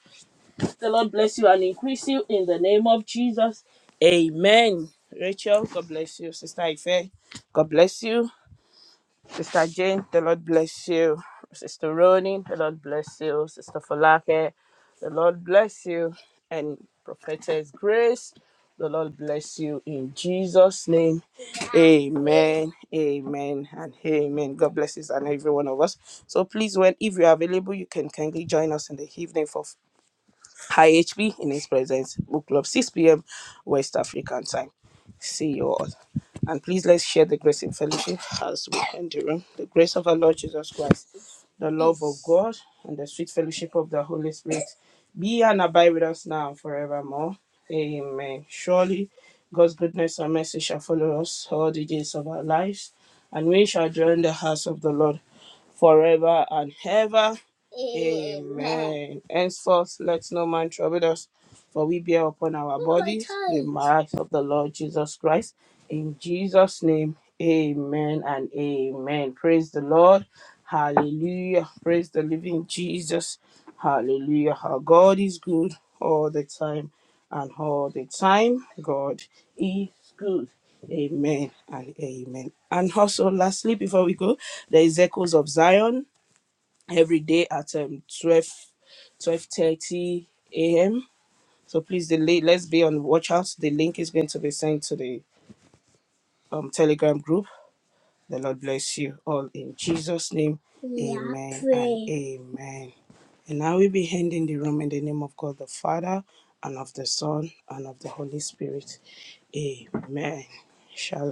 The Lord bless you and increase you in the name of Jesus. Amen. Rachel, God bless you. Sister Ife, God bless you. Sister Jane, the Lord bless you. Sister Ronin, the Lord bless you. Sister Falake, the Lord bless you. And Prophetess Grace, the Lord bless you in Jesus' name. Amen, amen, and amen. God blesses and every one of us. So please, when if you're available, you can kindly join us in the evening for High HP in his presence. Book club 6 p.m. West African time. See you all. And please let's share the grace in fellowship as we end the room. The grace of our Lord Jesus Christ, the love of God, and the sweet fellowship of the Holy Spirit be and abide with us now and forevermore. Amen. Surely God's goodness and mercy shall follow us all the days of our lives, and we shall dwell in the house of the Lord forever and ever. Amen. Henceforth, let no man trouble us, for we bear upon our bodies the marks of the Lord Jesus Christ. In Jesus' name, amen and amen. Praise the Lord. Hallelujah. Praise the living Jesus. Hallelujah. Our God is good all the time and all the time. God is good. Amen and amen. And also, lastly, before we go, there is Echoes of Zion every day at um, 12 12:30 a.m. So please, the link, let's be on watch out. The link is going to be sent to the um, Telegram group. The Lord bless you all in Jesus' name. We are amen and praying. amen. And now we'll be ending the room in the name of God the Father and of the Son and of the Holy Spirit. Amen. Shalom.